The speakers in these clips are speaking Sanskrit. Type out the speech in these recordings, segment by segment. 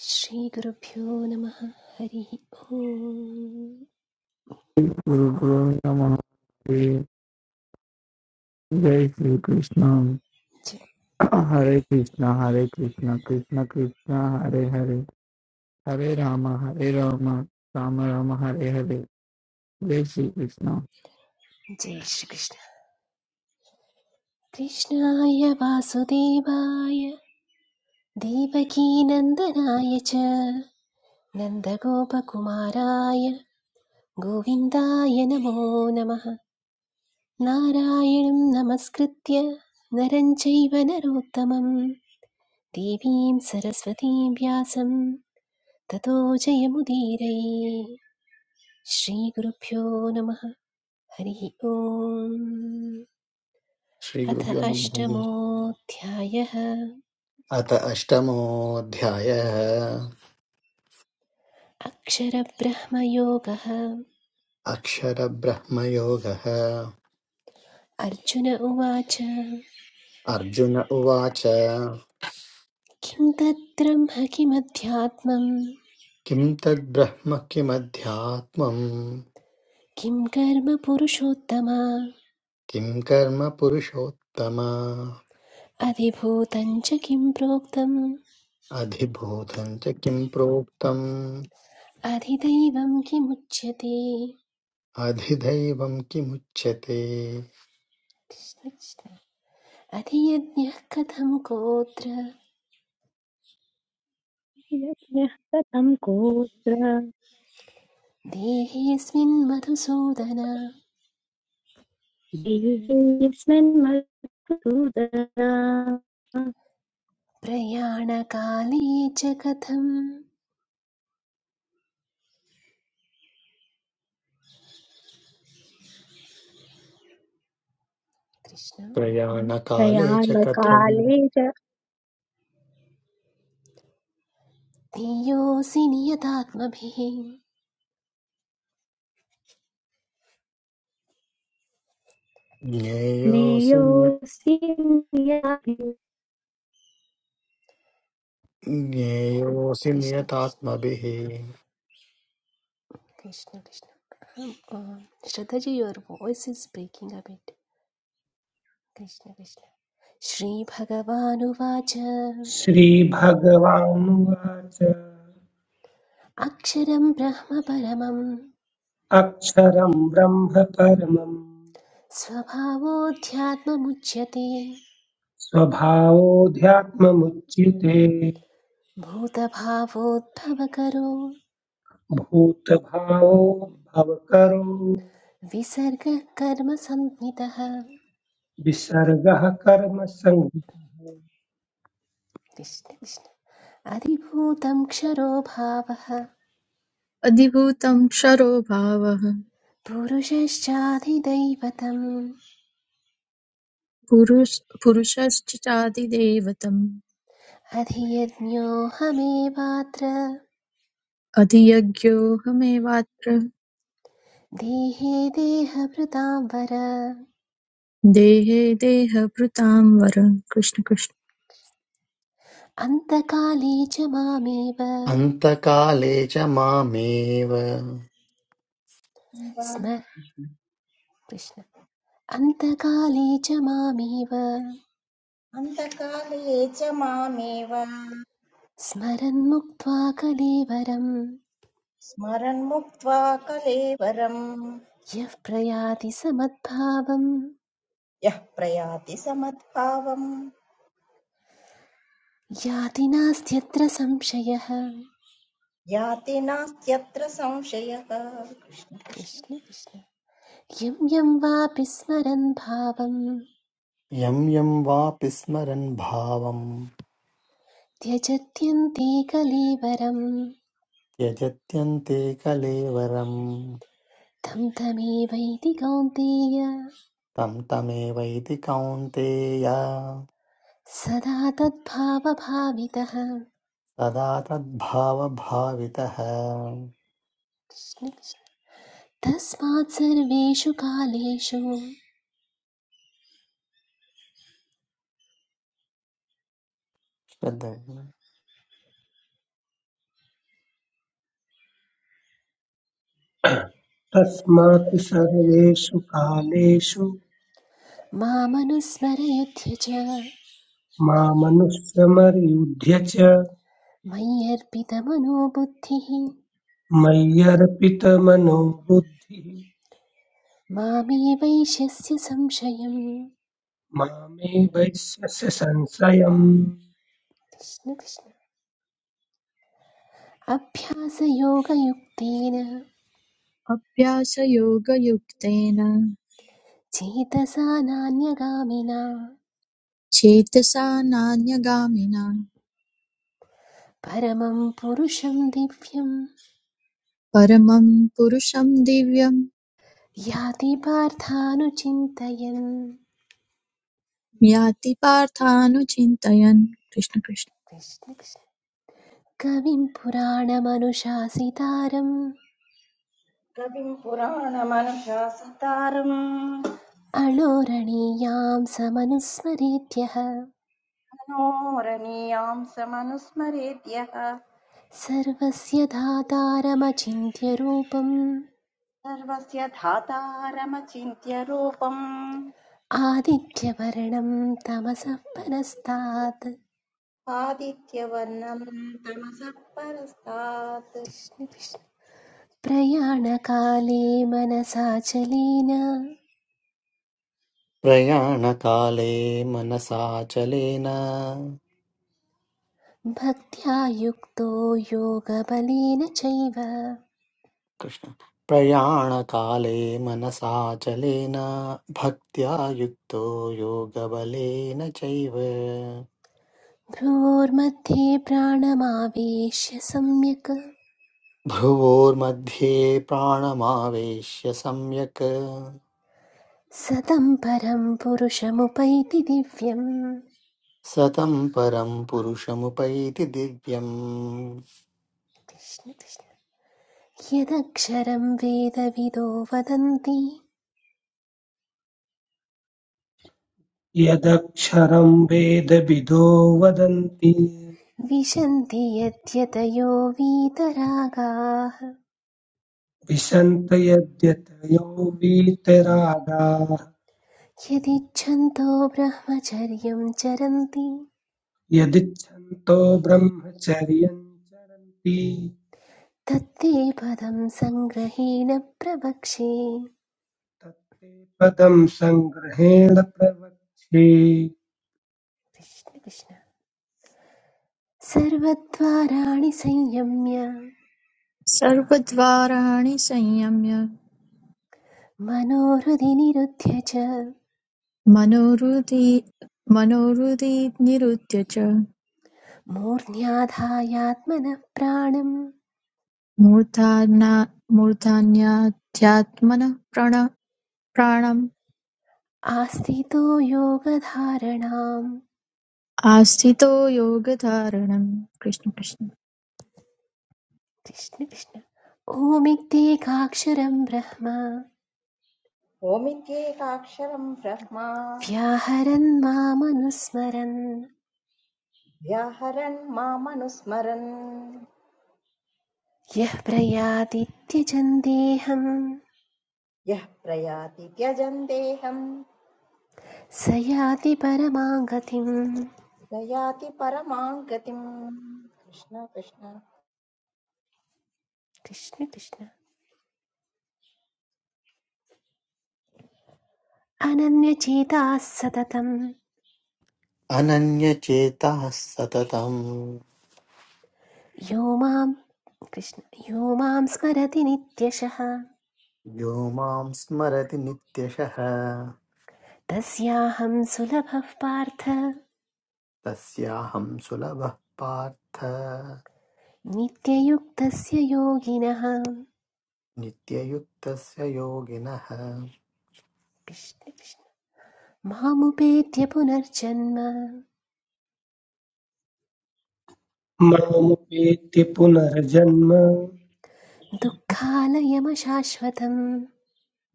श्रीगुरुभ्यो नमः हरिः ओम् Guru Guru Namaha Hare Jai Shri Krishna जय Hare Krishna Hare Krishna Krishna Krishna Hare Hare Hare Rama Hare Rama Rama Rama Hare Hare Jai Shri Krishna जय श्रीकृष्ण कृष्णाय वासुदेवाय देवकीनन्दनाय च नन्दगोपकुमाराय गोविन्दाय नमो नमः नारायणं नमस्कृत्य नरं चैव नरोत्तमं देवीं सरस्वतीं व्यासं ततो जयमुदीरये श्रीगुरुभ्यो नमः हरिः ओम् अथ श्रीगुरुभ्यो नमः अष्टमोऽध्यायः अथ अष्टमोऽध्यायः अक्षरब्रह्मयोगः अक्षरब्रह्मयोगः अर्जुन उवाच अर्जुन उवाच किं तद्ब्रह्म किमध्यात्मं किं तद्ब्रह्म किमध्यात्मम् किं कर्म पुरुषोत्तम किं कर्म पुरुषोत्तम अधिभूतं च किं प्रोक्तम् अधिभूतं च किं प्रोक्तम् अधिदैवं किमुच्यते अधिदैवं किमुच्यते कृष्णकृष्ण अधियज्ञः कथं कोत्र Yathya tatam koitra, देहेऽस्मिन् मधुसूदन divasman matu da. प्रयाणकाले च कथं कृष्ण प्रयाणकाले Rayan च कथं kalida धियोऽसि नियतात्मभिः ज्ञेयोऽसि neosimya. ज्ञेयोऽसि कृष्ण कृष्ण नियतात्मभिः Krishna Krishna Um, Shraddhaji your voice is breaking a bit Krishna Krishna श्रीभगवानुवाच श्रीभगवानुवाच अक्षरं ब्रह्म परमं अक्षरं ब्रह्म परमं स्वभावोऽध्यात्ममुच्यते स्वभावोऽध्यात्ममुच्यते भूतभावोद्भवकरो भूतभावोद्भवकरो विसर्गः कर्म संज्ञितः विसर्गः कर्मसङ्गतः कृष्ण अधिभूतं क्षरो भावः अधिभूतं क्षरोभावः पुरुषश्चाधिदैवतम् पुरुष- पुरुषश्चादिदैवतम् अधियज्ञोऽहमेवात्र अधियज्ञोऽहमेवात्र देहे देहभृतां वर देहे देहभृतां वर कृष्ण कृष्ण अन्तकाले च मामेव अन्तकाले च मामेव स्म कृष्ण अन्तकाले च मामेव अन्तकाले च मामेव स्मरन्मुक्त्वा कलेवरं स्मरन्मुक्त्वा कलेवरम् यः प्रयाति समद्भावं यः प्रयाति समद्भावम् याति नास्त्यत्र संशयः याति नास्त्यत्र संशयः कृष्ण कृष्ण कृष्ण यं यं वापि स्मरन् भावं यं यं वापि स्मरन् भावं त्यजत्यन्ते कलेवरं त्यजत्यन्ते कलेवरं तं तमेवैति कौन्तेय तं तमेवैति कौन्तेय सदा तद्भावभावितः सदा तद्भावभावितः तस्मात् सर्वेषु कालेषु श्रद्धया। तस्मात् सर्वेषु कालेषु मामनुस्मरयुध्य च मामनुष्यमर्युध्य च मय्यर्पितमनो बुद्धिः मय्यर्पितमनो बुद्धिः मामे वैश्यस्य संशयम् मामे वैश्यस्य संशयम् कृष्ण कृष्ण। अभ्यासयोगयुक्तेन चेतसा नान्यगामिना परमं पुरुषं दिव्यं परमं पुरुषं दिव्यं याति पार्थानुचिन्तयन् याति पार्थानुचिन्तयन् कृष्ण कृष्ण कृष्ण कृष्ण। कविं पुराणमनुशासितारम् कविम् पुराणमनुशासितारम् अणोरणीयां समनुस्मरेत्यः मनोरणीयाम् समनुस्मरेद्यः सर्वस्य धातारमचिन्त्यरूपम् सर्वस्य धातारमचिन्त्य रूपम् आदित्यवर्णं तमसः परस्तात् आदित्यवर्णम् तमसः परस्तात् कृष्ण कृष्ण। प्रयाणकाले मनसा प्रयाणकाले मनसाचलेन भक्त्या युक्तो योगबलेन चैव कृष्ण प्रयाणकाले मनसाचलेन भक्त्या युक्तो योगबलेन चैव भ्रूर्मध्ये प्राणमावेश्य सम्यक् भ्रुवोर्मध्ये प्राणमावेश्य सम्यक् सतं परं पुरुषमुपैति दिव्यम् सतं परं पुरुषमुपैति दिव्यम् कृष्ण कृष्ण यदक्षरं वेदविदो वदन्ति यदक्षरं वेदविदो वदन्ति विशन्ति यद्यतयो वीतरागाः विशन्त यद्यतयो वीतरागाः यदिच्छन्तो ब्रह्मचर्यं चरन्ति यदिच्छन्तो ब्रह्मचर्यं चरन्ति तत्ते पदं सङ्ग्रहेण प्रवक्षे तत्ते पदं सङ्ग्रहेण प्रवक्ष्ये कृष्ण कृष्ण सर्वद्वाराणि संयम्य सर्वद्वाराणि संयम्य मनोहृदि निरुध्य च मनोहृदि मनोहृदि निरुद्य च मूर्ध्याधायात्मनः प्राणम् मूर्धन्याध्यात्मनः प्रण- प्राणम् आस्थितो योगधारणाम् आस्थितो योगधारणम् कृष्ण कृष्ण कृष्ण कृष्ण ओमित्येकाक्षरं ब्रह्म ओमित्येकाक्षरम् ब्रह्मा व्याहरन् मामनुस्मरन् व्याहरन् मामनुस्मरन् यः प्रयाति त्यजन् देहं यः प्रयाति त्यजन् देहम् स याति परमां गतिम् स याति परमाम् गतिम् कृष्ण कृष्ण कृष्ण कृष्ण अनन्यचेताः सततम् अनन्यचेताः सततम् यो मां कृष्ण यो मां स्मरति नित्यशः यो मां स्मरति नित्यशः तस्याहं सुलभः पार्थ तस्याहं सुलभः पार्थ नित्ययुक्तस्य योगिनः नित्ययुक्तस्य योगिनः कृष्ण कृष्ण मामुपेत्य पुनर्जन्म मामुपेत्य पुनर्जन्म दुःखालयमशाश्वतं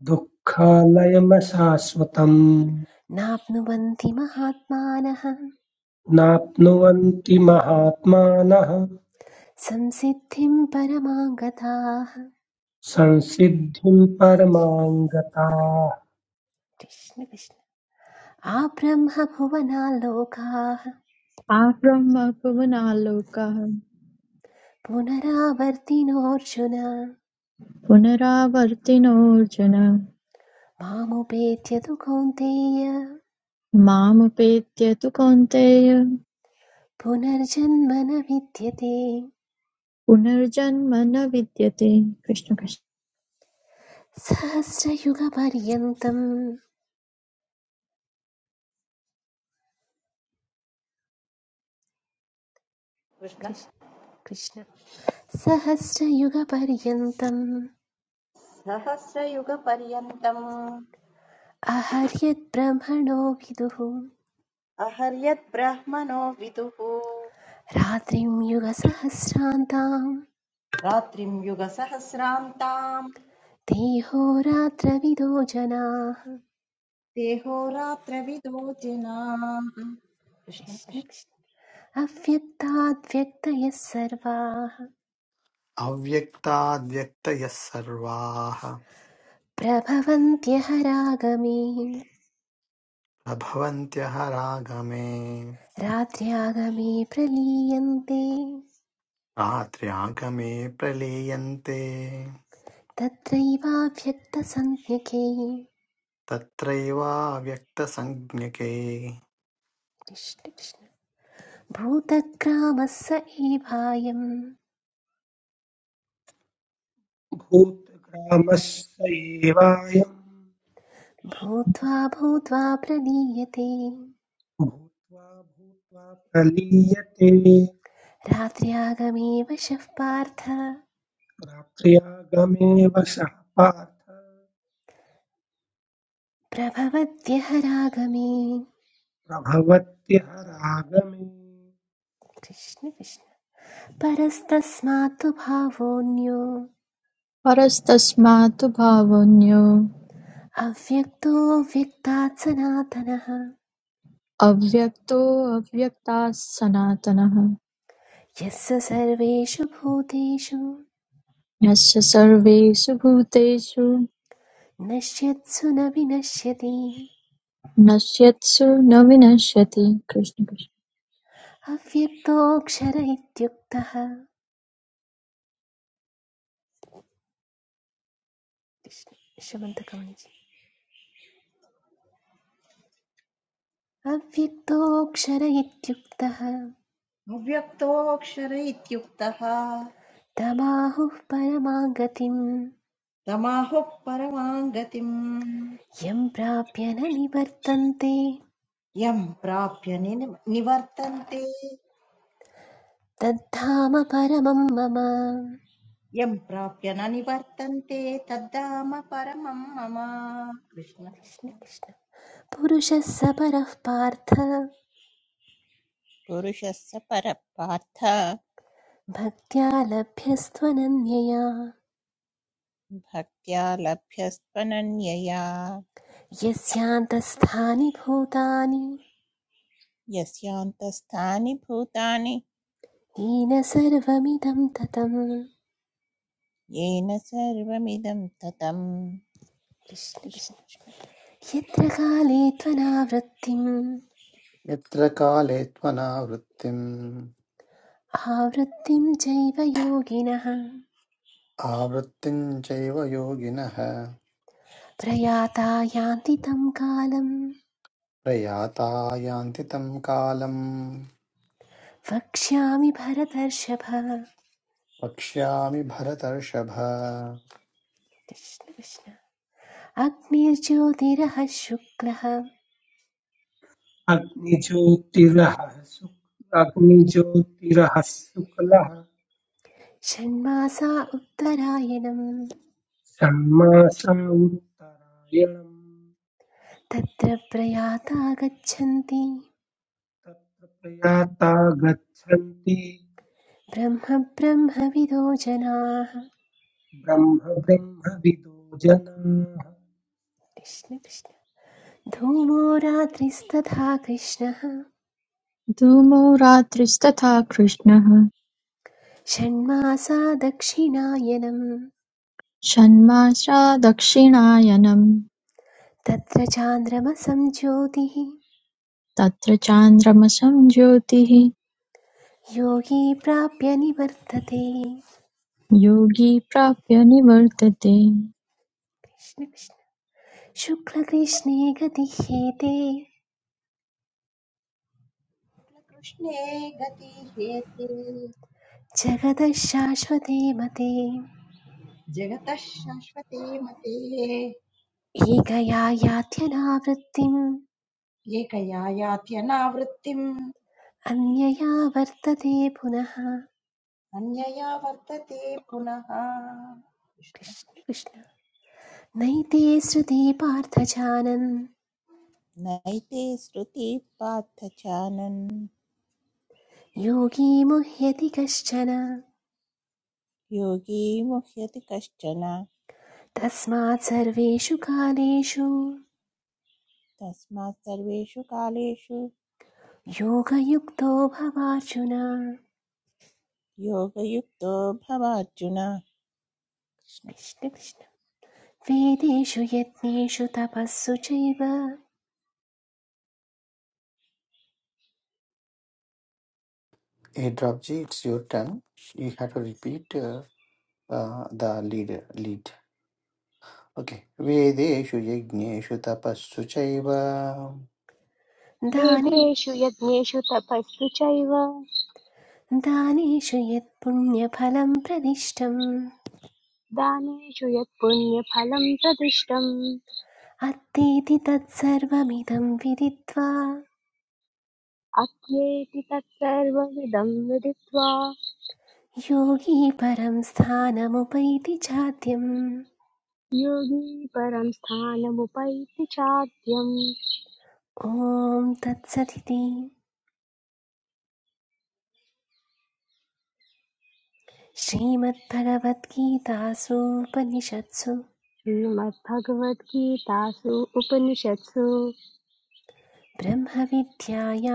दुःखालयमशाश्वतम् नाप्नुवन्ति महात्मानः नाप्नुवन्ति महात्मानः संसिद्धिं परमां गताः संसिद्धिं परमां गताः कृष्ण कृष्ण आब्रह्मभुवना आब्रह्म भुवनालोकः पुनरावर्तिनोऽर्जुन पुनरावर्तिनोऽर्जुन मामुपेत्य तु कौन्तेय मामुपेत्य तु कौन्तेय पुनर्जन्म न विद्यते पुनर्जन्म न विद्यते कृष्ण कृष्ण सहस्रयुगपर्यन्तम् कृष्ण कृष्- कृष्ण सहस्रयुगपर्यन्तम् सहस्रयुगपर्यन्तम् अहर्यद्ब्रह्मणो विदुः अहर्यद्ब्रह्मणो विदुः रात्रिं युगसहस्रान्तां रात्रिम् युगसहस्रान्ताम् देहोरात्रविदो जनाः देहो रात्रविदो जनाः कृष्ण कृष्ण कृष्ण कृष्ण अव्यक्ताद्व्यक्तयः सर्वाः अव्यक्ताद्व्यक्तयः सर्वाः प्रभवन्त्यहरागमे प्रभवन्त्यः रागमे रात्र्यागमे प्रलीयन्ते रात्र्यागमे प्रलीयन्ते तत्रैवाव्यक्तसंज्ञके तत्रैवाव्यक्तसंज्ञके कृष्ण कृष्ण। भूतग्रामः स एवायं भूतग्रामस्य एवायं भूत्वा भूत्वा प्रलीयते भूत्वा भूत्वा प्रलीयते रात्र्यागमे वशः पार्थ रात्र्यागमेव सः पार्थ प्रभवद्यहरागमे प्रभवत्यः रागमे कृष्ण कृष्ण परस्तस्मात् भावोऽन्यो परस्तस्मात् भावन्यो अव्यक्तो व्यक्तात् सनातनः अव्यक्तो अव्यक्तात् सनातनः यस्य सर्वेषु भूतेषु यस्य सर्वेषु भूतेषु नश्यत्सु न विनश्यति नश्यत्सु न विनश्यति कृष्ण कृष्ण अव्यक्तोऽक्षर इत्युक्तः कृष्ण- श्रीमन्तकवनिजि अव्यक्तोऽक्षर इत्युक्तः अव्यक्तोऽक्षर इत्युक्तः तमाहुः परमां गतिं तमाहुः परमां गतिम् यं प्राप्य न निवर्तन्ते यम् प्राप्य निन- निवर्तन्ते तद्धाम परमं मम यम् प्राप्य न निवर्तन्ते तद्धाम परमं मम कृष्ण कृष्ण पुरुषः स परः पार्थ पुरुषस्य परपार्थ भक्त्या लभ्यस्त्वनन्यया भक्त्या लभ्यस्त्वनन्यया यस्यान्तस्थानि भूतानि यस्यान्तस्थानि भूतानि येन सर्वमिदं ततं येन सर्वमिदं ततम् कृष्ण कृष्ण कृष्ण कृष्ण यत्र काले त्वनावृत्तिम् यत्र काले त्वनावृत्तिम् आवृत्तिं चैव योगिनः आवृत्तिम् चैव योगिनः प्रयाता यान्ति तं कालं प्रयाता यान्ति तं कालम् वक्ष्यामि भरतर्षभ वक्ष्यामि भरतर्षभ कृष्ण कृष्ण अग्निर्ज्योतिरः शुक्लः अग्निज्योतिरः शुक् अग्निज्योतिरः शुक्लः षण्मासा उत्तरायणं षण्मासा उत्तरायणम् तत्र प्रयाता गच्छन्ति तत्र प्रयाता गच्छन्ति ब्रह्म ब्रह्मविदो जनाः ब्रह्म ब्रह्मविदो जनाः कृष्ण कृष्ण धूमो रात्रिस्तथा कृष्णः धूमो रात्रिस्तथा कृष्णः षण्मासा दक्षिणायनम् षण्मासा दक्षिणायनम् तत्र चान्द्रमसं ज्योतिः तत्र चान्द्रमसं ज्योतिः योगी प्राप्य निवर्तते योगी प्राप्य निवर्तते कृष्ण कृष्ण। शुक्लकृष्णे गतिह्येते कृष्णे गति हेते जगतः शाश्वते मते जगतः शाश्वते मते एकया यात्यनावृत्तिम् एकया यात्यनावृत्तिम् अन्यया वर्तते पुनः अन्यया वर्तते पुनः कृष्ण कृष्ण कृष्ण नैते श्रुति पार्थजानन् नैते श्रुति पार्थ चानन् योगी मुह्यति कश्चन योगी मुह्यति कश्चन तस्मात् सर्वेषु कालेषु तस्मात् सर्वेषु कालेषु योगयुक्तो भवार्जुन योगयुक्तो भवार्जुन कृष्ण कृष्ण। कृष्ण कृष्ण वेदेषु यत्नेषु तपःसु चैव a drop ji it's your turn you have to repeat the lead lead okay वेदेषु यज्ञेषु तपस्सु चैव दाने वेदेषु यज्ञेषु तपःसु चैव दानेषु यत् पुण्यफलं प्रदिष्टम् दानेषु यत्पुण्यफलं प्रदिष्टम् अत्तेति तत्सर्वमिदं विदित्वा अत्येति तत्सर्वविदं विदित्वा योगी परं स्थानमुपैति चाद्यम् योगी परं स्थानमुपैति चाद्यम् ॐ तत्सदिति श्रीमद्भगवद्गीतासूपनिषत्सु श्रीमद्भगवद्गीतासु उपनिषत्सु ब्रह्मविद्यायां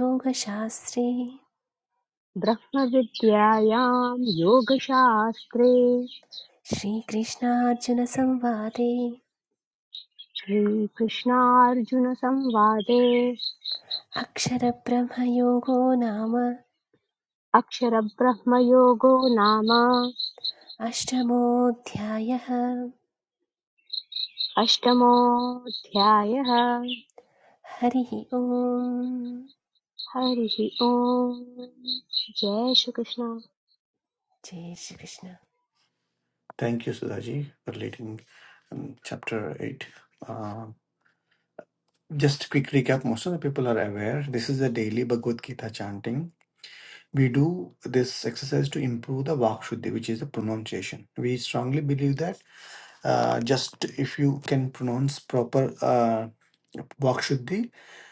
योगशास्त्रे ब्रह्मविद्यायां योगशास्त्रे श्रीकृष्णार्जुनसंवादे श्रीकृष्णार्जुनसंवादे अक्षरब्रह्मयोगो नाम अक्षरब्रह्मयोगो नाम अष्टमोऽध्यायः अष्टमोऽध्यायः हरिः ओम् हरिः ओम् जय श्रीकृष्ण जय Shri Krishna thank you Sudhaji for leading chapter 8 Just quick recap, most of the people are aware this is a daily Bhagavad Gita chanting. We do this exercise to improve the Vak Shuddhi, which is the pronunciation. We strongly believe that uh, just if you can pronounce proper uh, Vak Shuddhi,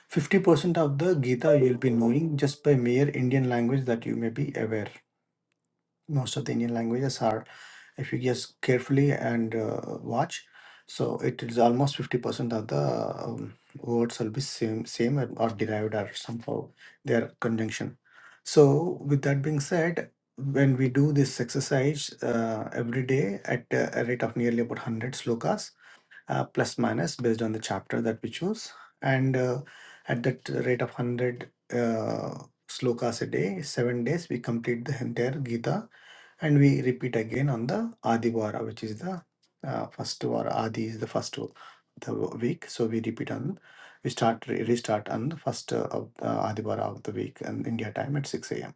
50% of the Gita you'll be knowing just by mere Indian language that you may be aware most of the Indian languages are, if you just carefully and uh, watch, so it is almost 50% of the um, words will be same, same or or derived or somehow their conjunction. So, with that being said, when we do this exercise uh, every day at a a rate of nearly about 100 slokas, uh, plus minus based on the chapter that we choose. And uh, at that rate of 100 uh, slokas a day, seven days, we complete the entire Gita and we repeat again on the Adivara, which is the uh, first Vara. Adi is the first w- the week. So we repeat on, we start, re- restart on the first uh, of uh, Adivara of the week and India time at 6 a.m.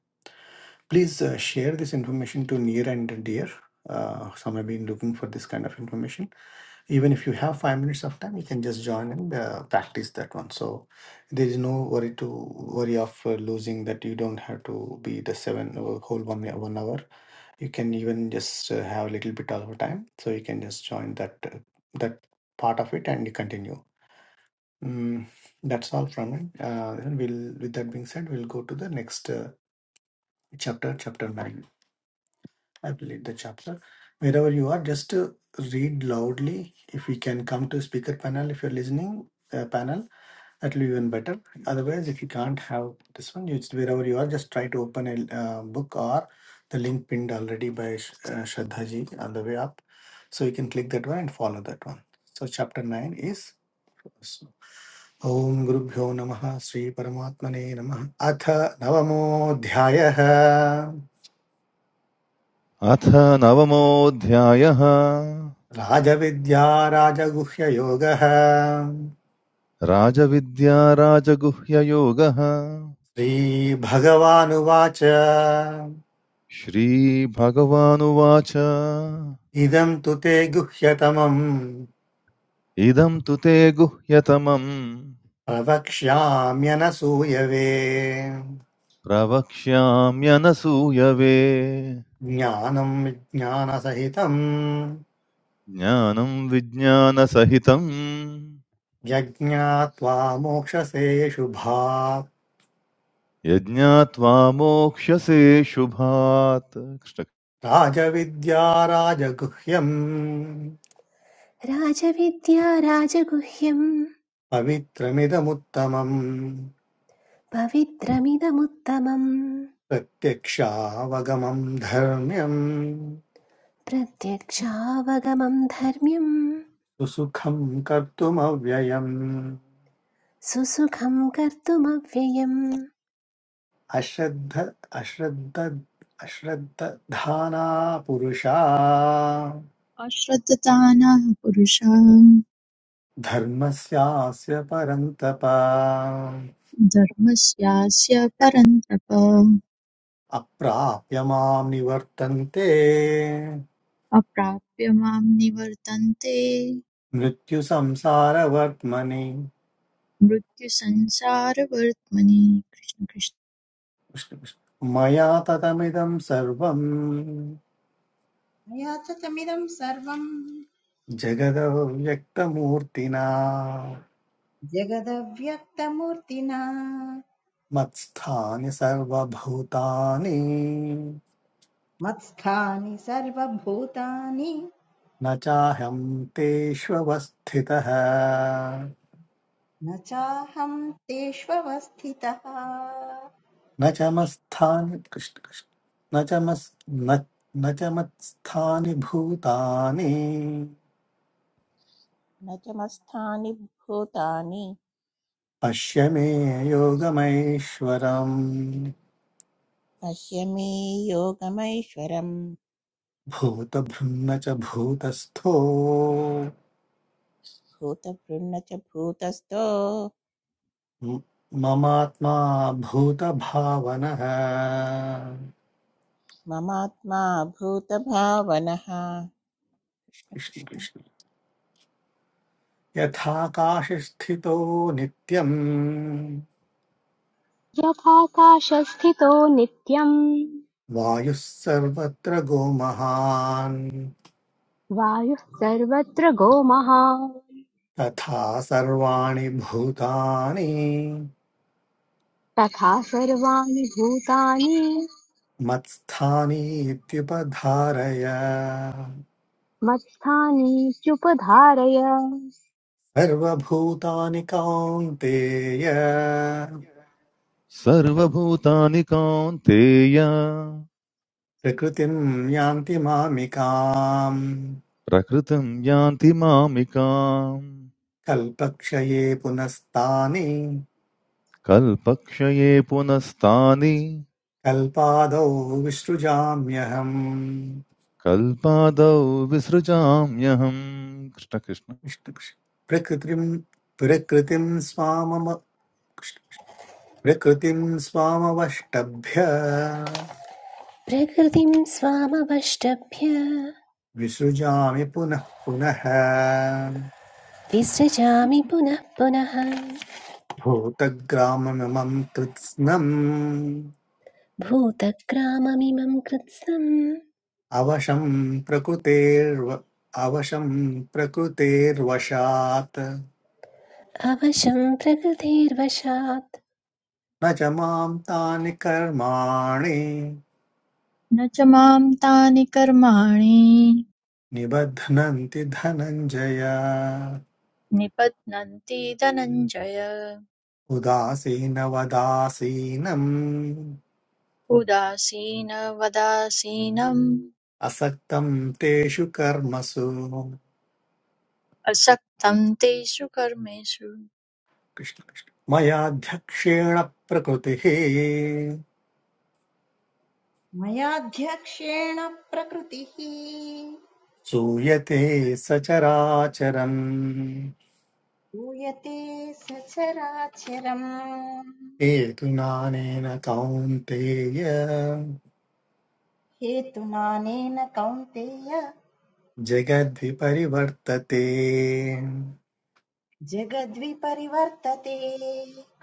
Please uh, share this information to near and dear. Uh, some have been looking for this kind of information even if you have five minutes of time, you can just join and uh, practice that one. So there is no worry to worry of uh, losing that. You don't have to be the seven uh, whole one uh, one hour. You can even just uh, have a little bit of a time, so you can just join that uh, that part of it and you continue. Mm, that's all from it. Uh, we'll, with that being said, we'll go to the next uh, chapter, chapter nine. I will lead the chapter. Wherever you are, just uh, read loudly. If we can come to speaker panel, if you're listening, uh, panel, that will be even better. Otherwise, if you can't have this one, it's wherever you are, just try to open a uh, book or the link pinned already by Sh- uh, Shraddha ji on the way up. So you can click that one and follow that one. So chapter 9 is Om ॐ गुरुभ्यो नमः श्रीपरमात्मने नमः अथ नवमोऽध्यायः अथ नवमोऽध्यायः राजविद्या राजगुह्ययोगः राजविद्या राजगुह्ययोगः श्रीभगवानुवाच श्रीभगवानुवाच इदं तु ते गुह्यतमम् इदं तु ते गुह्यतमम् प्रवक्ष्याम्यनसूयवे प्रवक्ष्याम्यनसूयवे ज्ञानं ज्ञानसहितम् ज्ञानं विज्ञानसहितम् यज्ञात्वा मोक्षसे शुभात् यज्ञात्वा मोक्ष्यसे शुभात् राजविद्या राजगुह्यम् राजविद्या राजगुह्यं पवित्रमिदमुत्तमम् पवित्रमिदमुत्तमं प्रत्यक्षावगमम् धर्म्यम् प्रत्यक्षावगमं धर्म्यं सुसुखं कर्तुमव्ययम् सुसुखं कर्तुमव्ययम् अश्रद्ध अश्रद्ध अश्रद्धाना पुरुषा अश्रद्धदानः पुरुषः धर्मस्यास्य परन्तप धर्मस्यास्य परन्तप अप्राप्य मां निवर्तन्ते अप्राप्य मां निवर्तन्ते मृत्युसंसारवर्त्मनि मृत्युसंसारवर्त्मनि कृष्ण कृष्ण कृष्ण कृष्ण। मया ततमिदं सर्वम् मया च तमिदं सर्वम् जगदव्यक्तमूर्तिना जगदव्यक्तमूर्तिना मत्स्थानि सर्वभूतानि मत्स्थानि सर्वभूतानि न चाहं तेष्वस्थितः न चाहं तेष्वस्थितः न च मत्स्थानि कृष्ण कृष्ण न च मस् न न च मत्स्थानि भूतानि न च मत्स्थानि भूतानि पश्य मे योगमैश्वरम् पश्य मे योगमैश्वरम् भूतभृन्न च भूतस्थो भूतभृन्न च भूतस्थो म- ममात्मा भूतभावनः ममात्मा भूतभावनः कृष्ण कृष्ण कृष्ण कृष्ण यथाकाशस्थितो नित्यम् यथाकाशस्थितो नित्यम् वायुः सर्वत्र गोमहान् वायुः सर्वत्र गोमः तथा सर्वाणि भूतानि तथा सर्वाणि भूतानि मत्स्थानि इत्युपधारय मत्स्थानि चुपधारय सर्वभूतानि कौन्तेय सर्वभूतानि कान्तेय प्रकृतिं यान्ति मामिकाम् प्रकृतिं यान्ति मामिकाम् कल्पक्षये पुनस्तानि कल्पक्षये पुनस्तानि कल्पादौ विसृजाम्यहम् कल्पादौ विसृजाम्यहम् कृष्ण कृष्ण कृष्ण कृष्ण। प्रकृतिं प्रकृतिं स्वामम प्रकृतिम् स्वामवष्टभ्य प्रकृतिं स्वामवष्टभ्य विसृजामि पुनः पुनः विसृजामि पुनः पुनः भूतग्राममिमम् कृत्स्नम् भूतग्राममिमं कृत्स्नम् अवशम् प्रकृतेर्व अवशम् प्रकृतेर्वशात् अवशं प्रकृतेर्वशात् न च माम् तानि कर्माणि न च मां तानि कर्माणि निबध्नन्ति धनञ्जय निबध्नन्ति धनञ्जय उदासीनवदासीनम् उदासीनवदासीनम् असक्तम् तेषु कर्मसु असक्तं तेषु कर्मेषु कृष्ण कृष्ण। मयाध्यक्षेण प्रकृतिः मयाध्यक्षेण प्रकृतिः सूयते सचराचरम् यूयते सचराचरम् हेतुनानेन कौन्तेय हेतुनानेन कौन्तेय जगद्धि परिवर्तते जगद्विपरिवर्तते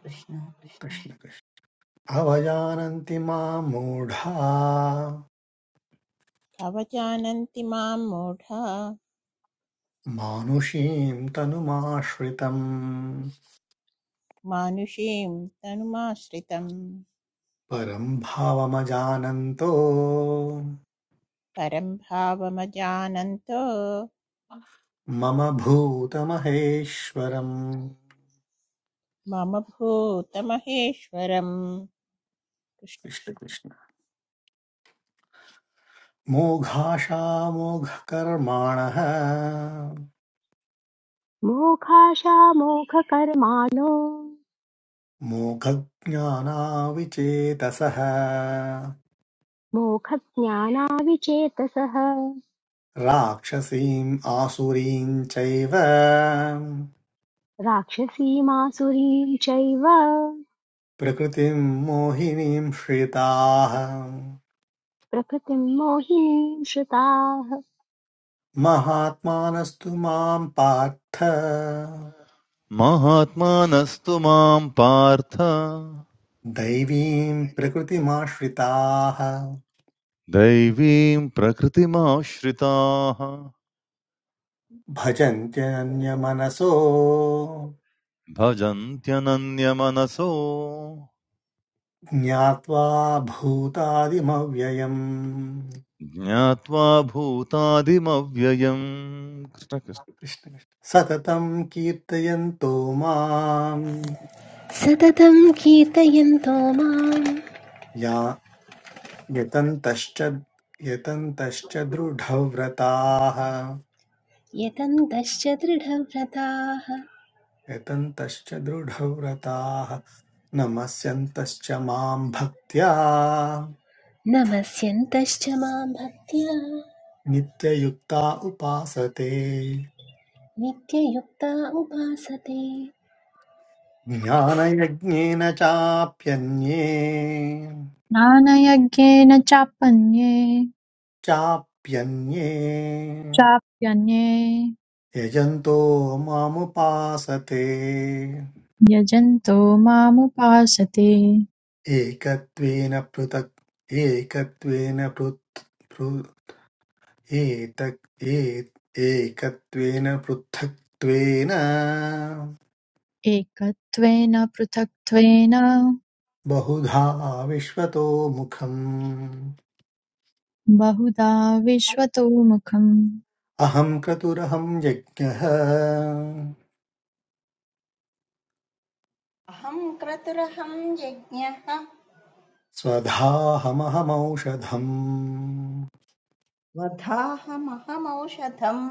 कृष्ण कृष्ण कृष्ण। अवजानन्ति मां मूढा अवजानन्ति मां मूढा मानुषीं तनुमाश्रितम् मानुषीं तनुमाश्रितं परं भावमजानन्तो परं भावमजानन्तो मम भूतमहेश्वरम् मम भूतमहेश्वरं कृष्ण कृष्ण कृष्ण। कृष्ण। मोघाशामोघकर्माणः मोक्षाशामोक्षकर्माणो मोघज्ञानाविचेतसः मोक्षज्ञानाविचेतसः राक्षसीम् आसुरीम् चैव राक्षसीमासुरीं चैव प्रकृतिम् मोहिनीम् श्रिताः प्रकृतिं मोहिनीं श्रुताः महात्मानस्तु माम् पार्थ महात्मानस्तु मां पार्थ दैवीम् प्रकृतिमाश्रिताः दैवीं प्रकृतिमाश्रिताः भजन्त्यन्यमनसो भजन्त्यनन्यमनसो ज्ञात्वा भूतादिमव्ययम् ज्ञात्वा भूतादिमव्ययम् कृष्ण कृष्ण कृष्ण कृष्ण। सततं कीर्तयन्तो माम् सततं कीर्तयन्तो मां या यतन्तश्च यतन्तश्च दृढव्रताः यतन्तश्च दृढव्रताः यतन्तश्च दृढव्रताः नमस्यन्तश्च मां भक्त्या नमस्यन्तश्च मां भक्त्या नित्ययुक्ता उपासते नित्ययुक्ता उपासते ज्ञानयज्ञेन चाप्यन्ये ज्ञानयज्ञेन चापन्ये चाप्यन्ये चाप्यन्ये यजन्तो मामुपासते यजन्तो मामुपासते एकत्वेन पृथक् एकत्वेन पृथ् एतक् ए- एकत्वेन पृथक्त्वेन एकत्वेन पृथक्त्वेन बहुधा विश्वतो मुखम् बहुधा विश्वतो मुखम् अहं क्रतुरहं यज्ञः अहं क्रतुरहं यज्ञः स्वधाहमहमौषधम् वधाहमहमौषधम्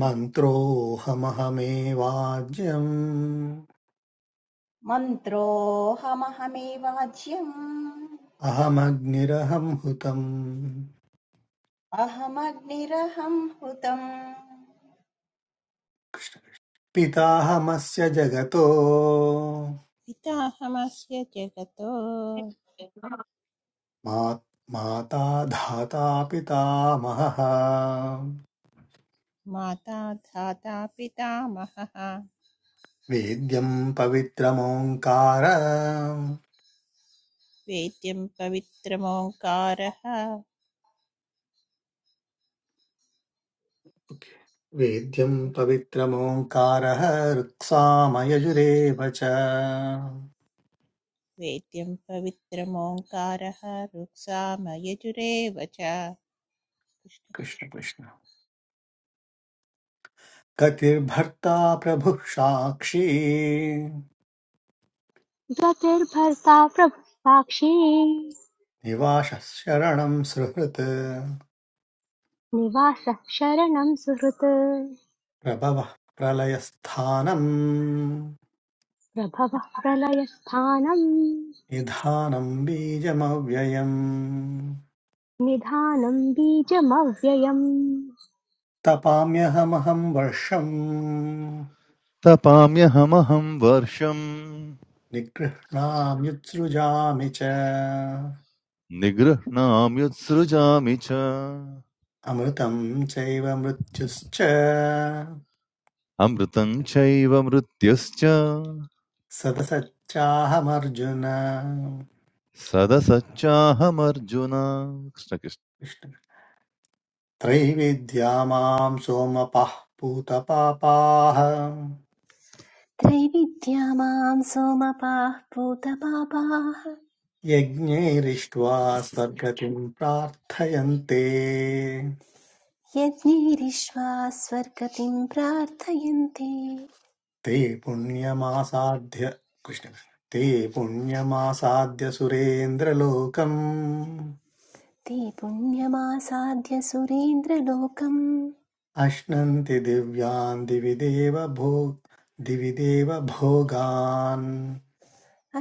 मन्त्रोऽहमहमेवाज्यम् मन्त्रोऽहमहमेवाज्यम् अहमग्निरहं हुतं अहमग्निरहं हृतम् पिताहमस्य जगतो पिताहमस्य जगतो मा माता धाता पितामहः माता धाता पितामहः वेद्यं पवित्रमोङ्कार वेद्यं पवित्रमोङ्कारः वेद्यं पवित्रमोङ्कारः ऋक्सामयजुरेव च वेद्यं पवित्रमोङ्कारः रुक्साम यजुरेव च कृष्ण कृष्ण गतिर्भर्ता प्रभुः साक्षी गतिर्भर्ता प्रभुः साक्षी निवासः शरणं सुहृत् निवासः शरणं सुहृत् प्रभवः प्रलयस्थानम् प्रभवः प्रलयस्थानं निधानम् बीजमव्ययम् निधानं बीजमव्ययम् तपाम्यहमहं वर्षम् तपाम्यहमहं वर्षम् निगृह्णाम्युत्सृजामि च निगृह्णाम्युत्सृजामि च अमृतं चैव मृत्युश्च अमृतं चैव मृत्युश्च सदसच्चाहमर्जुन सदसच्चाहमर्जुन कृष्णकृष्ण कृष्ण। त्रैविद्या मां सोमपः पूतपापाः त्रैविद्या मां सोमपाः भूतपापाः यज्ञैरिष्ट्वा स्वर्गतिं प्रार्थयन्ते यज्ञैरिष्वा स्वर्गतिं प्रार्थयन्ते ते पुण्यमासाद्य कृष्ण ते पुण्यमासाद्य सुरेन्द्रलोकम् ते पुण्यमासाद्य सुरेन्द्रलोकम् अश्नन्ति दिव्यान् दिवि देव भो दिवि देव भोगान्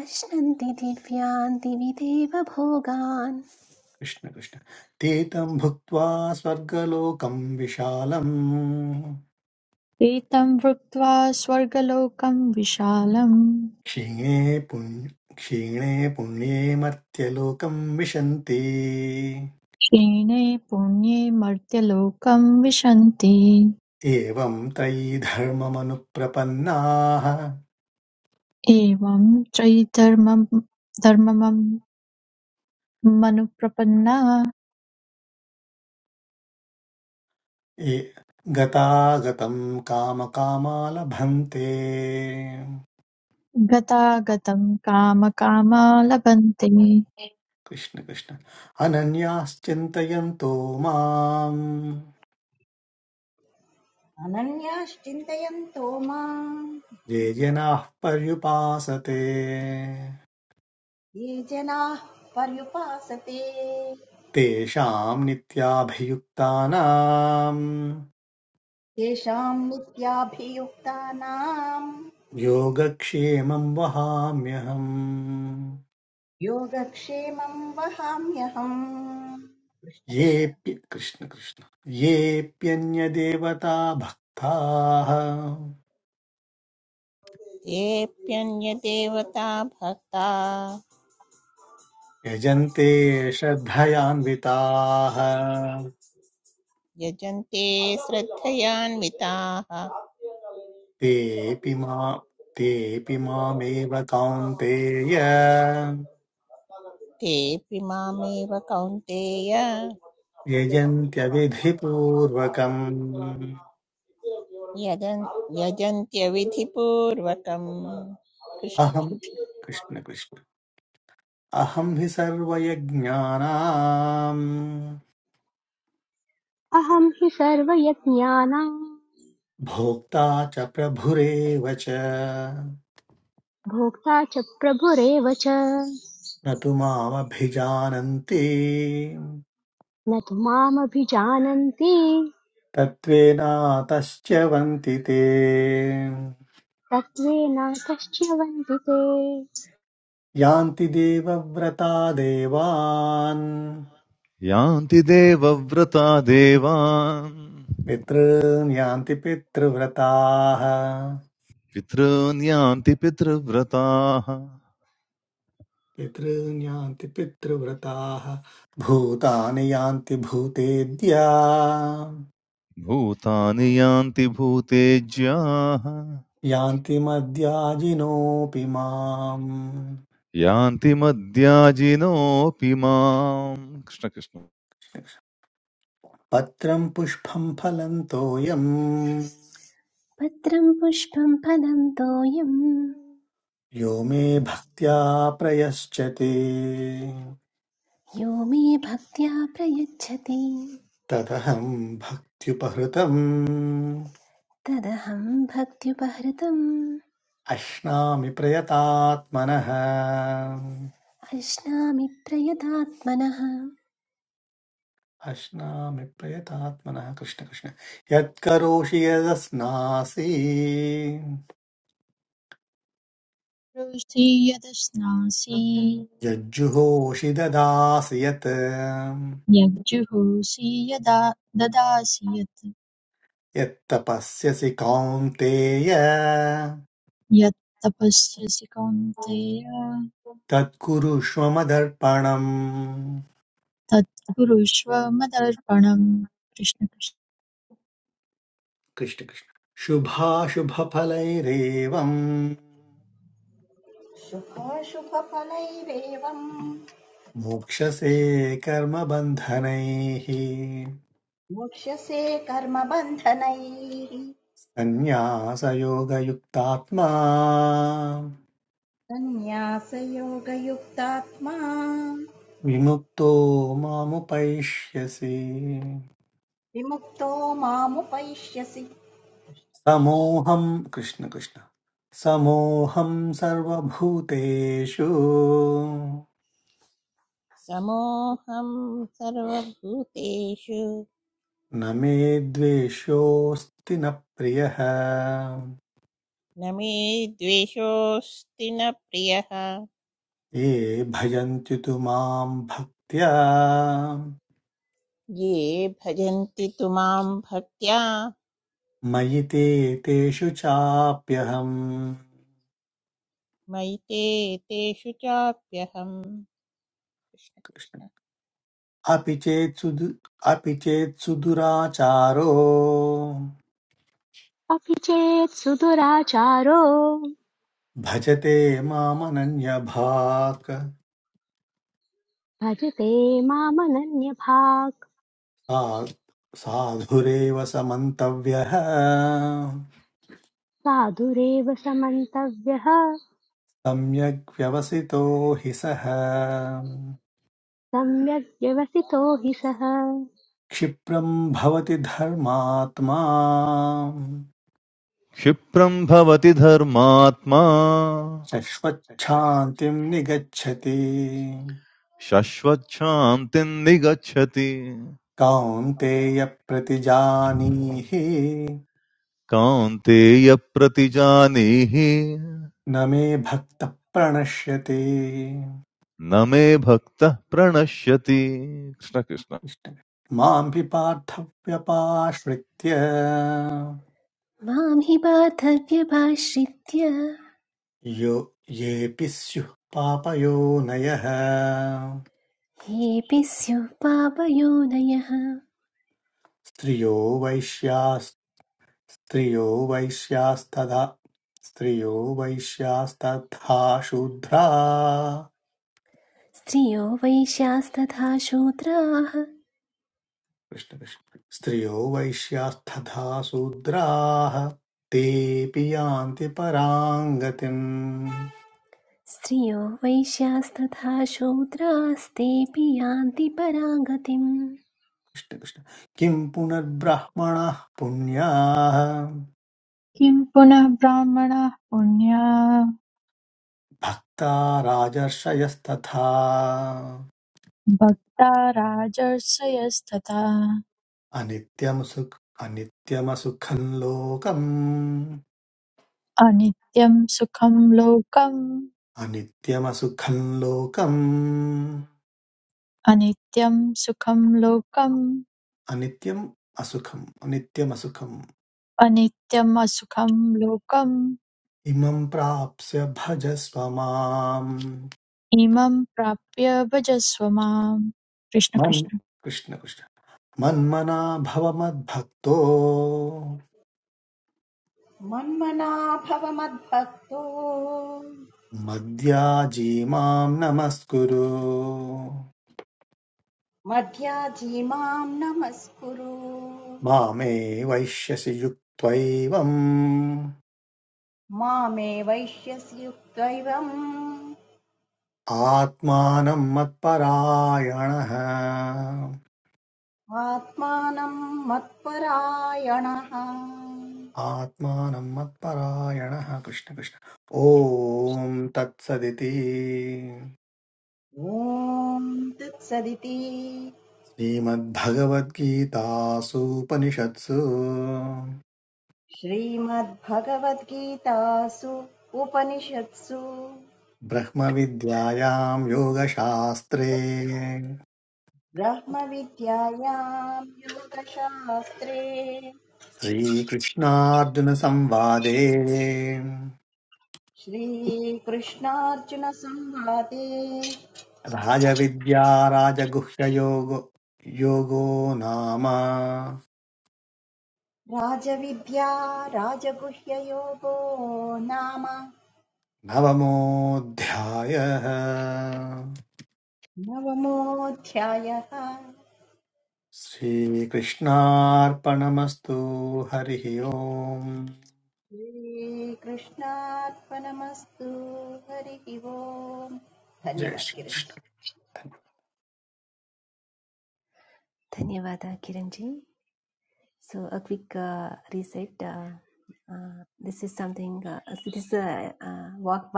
अश्नन्ति दिव्यान् दिवि देवभोगान् कृष्ण कृष्ण ते तं भुक्त्वा स्वर्गलोकं विशालम् एतं भुक्त्वा स्वर्गलोकं विशालम् क्षीणे पुण्य क्षीणे पुण्ये मर्त्यलोकं विशन्ति क्षीणे पुण्ये मर्त्यलोकं विशन्ति एवं त्रयी धर्ममनुप्रपन्नाः एवं त्वयि ये गतागतं कामकामालभन्ते गतागतं कामकामा लभन्ते कृष्ण कृष्ण अनन्याश्चिन्तयन्तो माम् अनन्याश्चिन्तयन्तो माम् ये जनाः पर्युपासते ये जनाः पर्युपासते तेषां नित्याभियुक्तानां तेषाम् नित्याभियुक्तानाम् योगक्षेमं वहाम्यहम् योगक्षेमं वहाम्यहम् येऽप्य कृष्ण कृष्ण येऽप्यन्यदेवता भक्ताः येऽप्यन्यदेवता भक्ता यजन्ते श्रद्धयान्विताः यजन्ते श्रद्धयान्विताः तेऽपि मा तेऽपि मामेव कौन्तेय तेऽपि मामेव कौन्तेय यजन्त्यविधिपूर्वकम् यजन् यजन्त्यविधिपूर्वकम् कृष्ण अहं कृष्ण कृष्ण अहं हि सर्वयज्ञानाम् अहं हि सर्वयज्ञानां भोक्ता च प्रभुरेव च भोक्ता च प्रभुरेव च न तु मामभिजानन्ति न तु मामभिजानन्ति तत्त्वेनातश्च वन्ति ते तत्त्वेन कश्च वन्दिते यान्ति देवव्रता देवान् यान्ति देवव्रता देवान् पितॄन् यान्ति पितृव्रताः पितॄन् यान्ति पितृव्रताः पितॄन् यान्ति पितृव्रताः भूतानि यान्ति भूतेद्या भूतानि यान्ति भूतेज्याः यान्ति मद्याजिनोऽपि माम् यान्ति मद्याजिनोऽपि माम् कृष्णकृष्ण पत्रम् पुष्पम् फलम् तोयम् पत्रं पुष्पं फलं तोयं यो मे भक्त्या प्रयश्चते यो मे भक्त्या प्रयच्छति तदहम् भक्त्युपहृतम् तदहं भक्त्युपहृतम् अश्नामि प्रयतात्मनः अश्नामि प्रयतात्मनः अश्नामि प्रयतात्मनः कृष्ण कृष्ण यत्करोषि यदस्नासि रुषि यदश्नासि यज्जुहोषि ददासि यत् यज्जुहोषि यदा ददासि यत् यत्तपस्यसि कौन्तेय यत् तपस्यसि कौन्तेय तत्कुरुष्व मदर्पणम् तत् कुरुष्व मदर्पणम् कृष्ण कृष्ण। कृष्ण कृष्ण शुभाशुभफलैरेवम् शुभाशुभफलैरेवम् मोक्षसे मोक्ष्यसे कर्मबन्धनैः सन्न्यासयोगयुक्तात्मा सन्न्यासयोगयुक्तात्मा विमुक्तो मामुपैष्यसि विमुक्तो मामुपैष्यसि समोहं कृष्ण कृष्ण समोहं सर्वभूतेषु समोऽहं सर्वभूतेषु न मे द्वेष्योऽस्ति न प्रियः न मे द्वेषोऽस्ति न प्रियः ये भजन्ति तु मां भक्त्या ये भजन्ति तु मां भक्त्या मयि ते तेषु मयि ते तेषु चाप्यहम् कृष्ण कृष्ण अपि चेत् अपि चेत् अपि चेत् सुदुराचारो भजते मामनन्यभाक् भजते मामनन्यभाक् सा- साधुरेव समन्तव्यः साधुरेव समन्तव्यः सम्यग् व्यवसितो हि सः सम्यग् व्यवसितो हि सः क्षिप्रम् भवति धर्मात्मा क्षिप्रं भवति धर्मात्मा शश्वच्छान्तिम् निगच्छति शश्वच्छान्तिं निगच्छति कौन्तेय प्रतिजानीहि कान्तेय प्रतिजानीहि न मे भक्तः प्रणश्यते न मे भक्तः प्रणश्यति कृष्ण कृष्ण कृष्ण। मां हि पार्थव्यपाश्रित्य मां हि पार्थव्यभाश्रित्य यो येऽपि स्युः पापयोनयः हेऽपि स्युः पापयोनयः स्त्रियो वैश्यास् स्त्रियो वैश्यास्तदा स्त्रियो वैश्यास्तथा शूद्रा स्त्रियो वैश्यास्तथा शूद्राः कृष्ण कृष्ण। स्त्रियो वैश्यास्तथा शूद्राः तेऽपि यान्ति पराङ्गतिम् स्त्रियो वैश्यास्तथा शूद्रास्तेऽपि यान्ति पराङ्गतिम् कृष्ण कृष्ण किं पुनर्ब्रह्मणः पुण्याः किं पुनः ब्राह्मणाः पुण्या भक्ता राजर्षयस्तथा भक्ता राजर्षयस्तथा अनित्यं सुख अनित्यमसुखं लोकम् अनित्यं सुखं लोकम् अनित्यमसुखं लोकम् अनित्यं सुखं लोकम् अनित्यम् असुखम् अनित्यमसुखम् अनित्यम् असुखं लोकम् इमं प्राप्स्य भजस्व माम् इमं प्राप्य भजस्व माम् कृष्ण मन् कृष्ण कृष्ण कृष्ण मन्मना भव मद्भक्तो मन्मना भव मद्भक्तो मद्याजीमां नमस्कुरु मध्याजी मां नमस्कुरु मामे वैश्यसि युक्त्वैवम् मामे वैश्यसि युक्तैवम् आत्मानं मत्परायणः आत्मानं मत्परायणः आत्मानं मत्परायणः कृष्ण कृष्ण ॐ तत्सदिति ॐ तत्सदिति श्रीमद्भगवद्गीतासूपनिषत्सु श्रीमद्भगवद्गीतासु उपनिषत्सु ब्रह्मविद्यायां योगशास्त्रे ब्रह्मविद्यायां योगशास्त्रे श्रीकृष्णार्जुनसंवादे श्रीकृष्णार्जुनसंवादे राजविद्याराजगुह्ययोगो योगो नाम राजविद्या राजगुह्ययोगो नाम नवमोऽध्यायः नवमोऽध्यायः श्रीकृष्णार्पणमस्तु हरिः ओम् श्रीकृष्णार्पणमस्तु हरिः ओम् जय धन्यवाद किरण् श्रीकृष्ण जी। धन्यवाद Kiran ji so a quick reset this is something this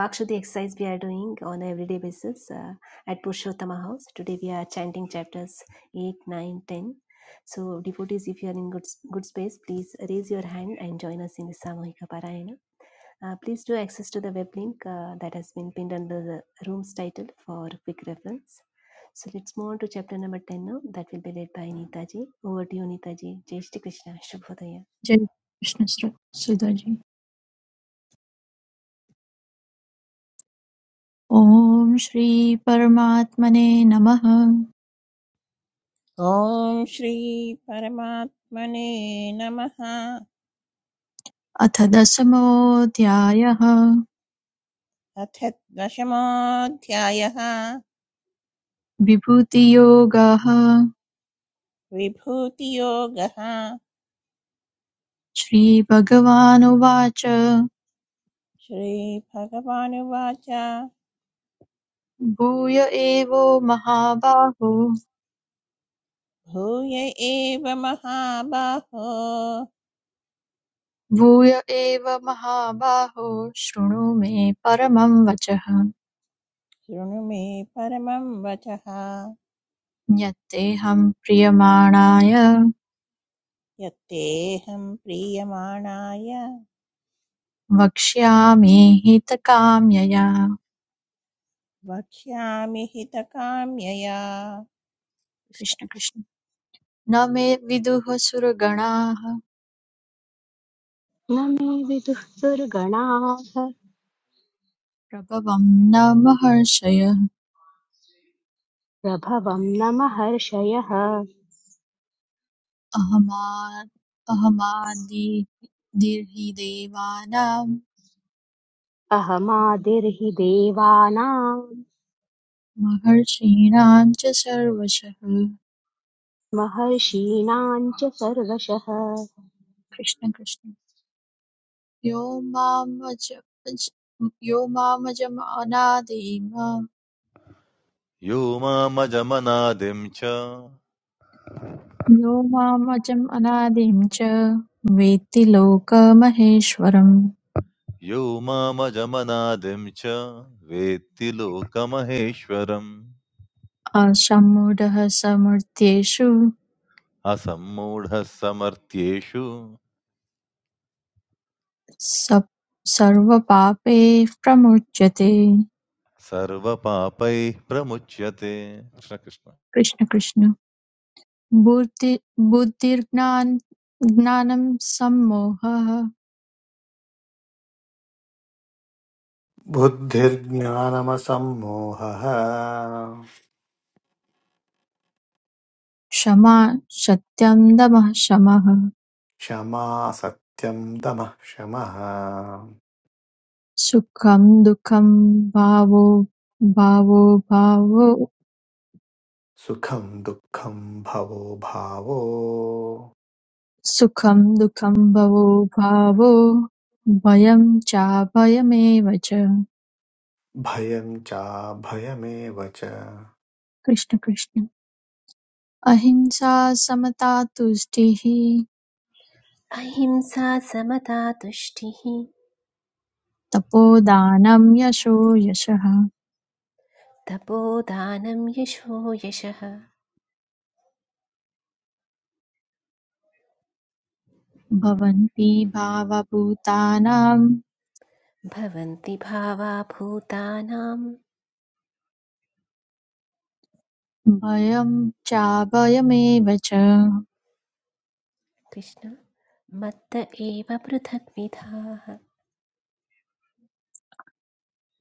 vakshudi exercise we are doing on a everyday basis uh, at purshottama house today we are chanting chapters 8 9 10 so devotees if you are in good good space please raise your hand and join us in the samohika parayana Uh, please do access to the web link uh, that has been pinned under the room's title for quick reference. So let's move on to chapter number 10 now. That will be led by Neetaji. Over to you, Neetaji. Jai Shri Krishna. Shubhodaya. जय कृष्ण सुर- सुधाजी ॐ श्री परमात्मने नमः ॐ श्री परमात्मने नमः अथ दशमोऽध्यायः अथ दशमोऽध्यायः विभूतियोगः विभूतियोगः श्रीभगवानुवाच श्रीभगवानुवाच भूय एवो महाबाहो भूय एव महाबाहो भूय एव महाबाहो शृणु मे परमं वचः शृणु मे परमं वचः यत्तेऽहं प्रीयमाणाय यत्तेऽहं प्रीयमाणाय वक्ष्यामि हितकाम्यया वक्ष्यामि हितकाम्यया कृष्ण कृष्ण कृष्ण। कृष्ण न मे विदुः सुरगणाः न मे विदुः दुर्गणाः प्रभवं न महर्षयः प्रभवं न महर्षयः अहमा अहमादिर्हि देवानां अहमादिर्हि देवानां महर्षीणां च सर्वशः महर्षीणां च सर्वशः कृष्ण कृष्ण यो मामजमनादिम् यो मामजमनादिं च यो मामजमनादिं च वेत्ति लोकमहेश्वरम् यो मामजमनादिं च वेत्ति लोकमहेश्वरम् असम्मूढः समृद्धेषु असम्मूढः समर्थ्येषु स- सर्वपापैः प्रमुच्यते सर्वपापैः प्रमुच्यते कृष्ण कृष्ण कृष्ण कृष्ण बुद्धि बुद्धिर्ज्ञान ज्ञानं सम्मोहः बुद्धिर्ज्ञानमसम्मोहः क्षमा सत्यं दमः शमः क्षमा सत्यं दमः शमः सुखं दुःखं भावो भावो भावो सुखं दुःखं भवो भावो सुखं दुःखं भवो भावो भयं चाभयमेव च भयं चाभयमेव च कृष्ण कृष्ण अहिंसा समता तुष्टिः अहिंसा समता तुष्टिः तपोदानं यशो यशः तपोदानं यशो यशः भवन्ति भावभूतानां भवन्ति भावा भूतानां भयं चाभयमेव च कृष्ण मत्त एव पृथक् विधाः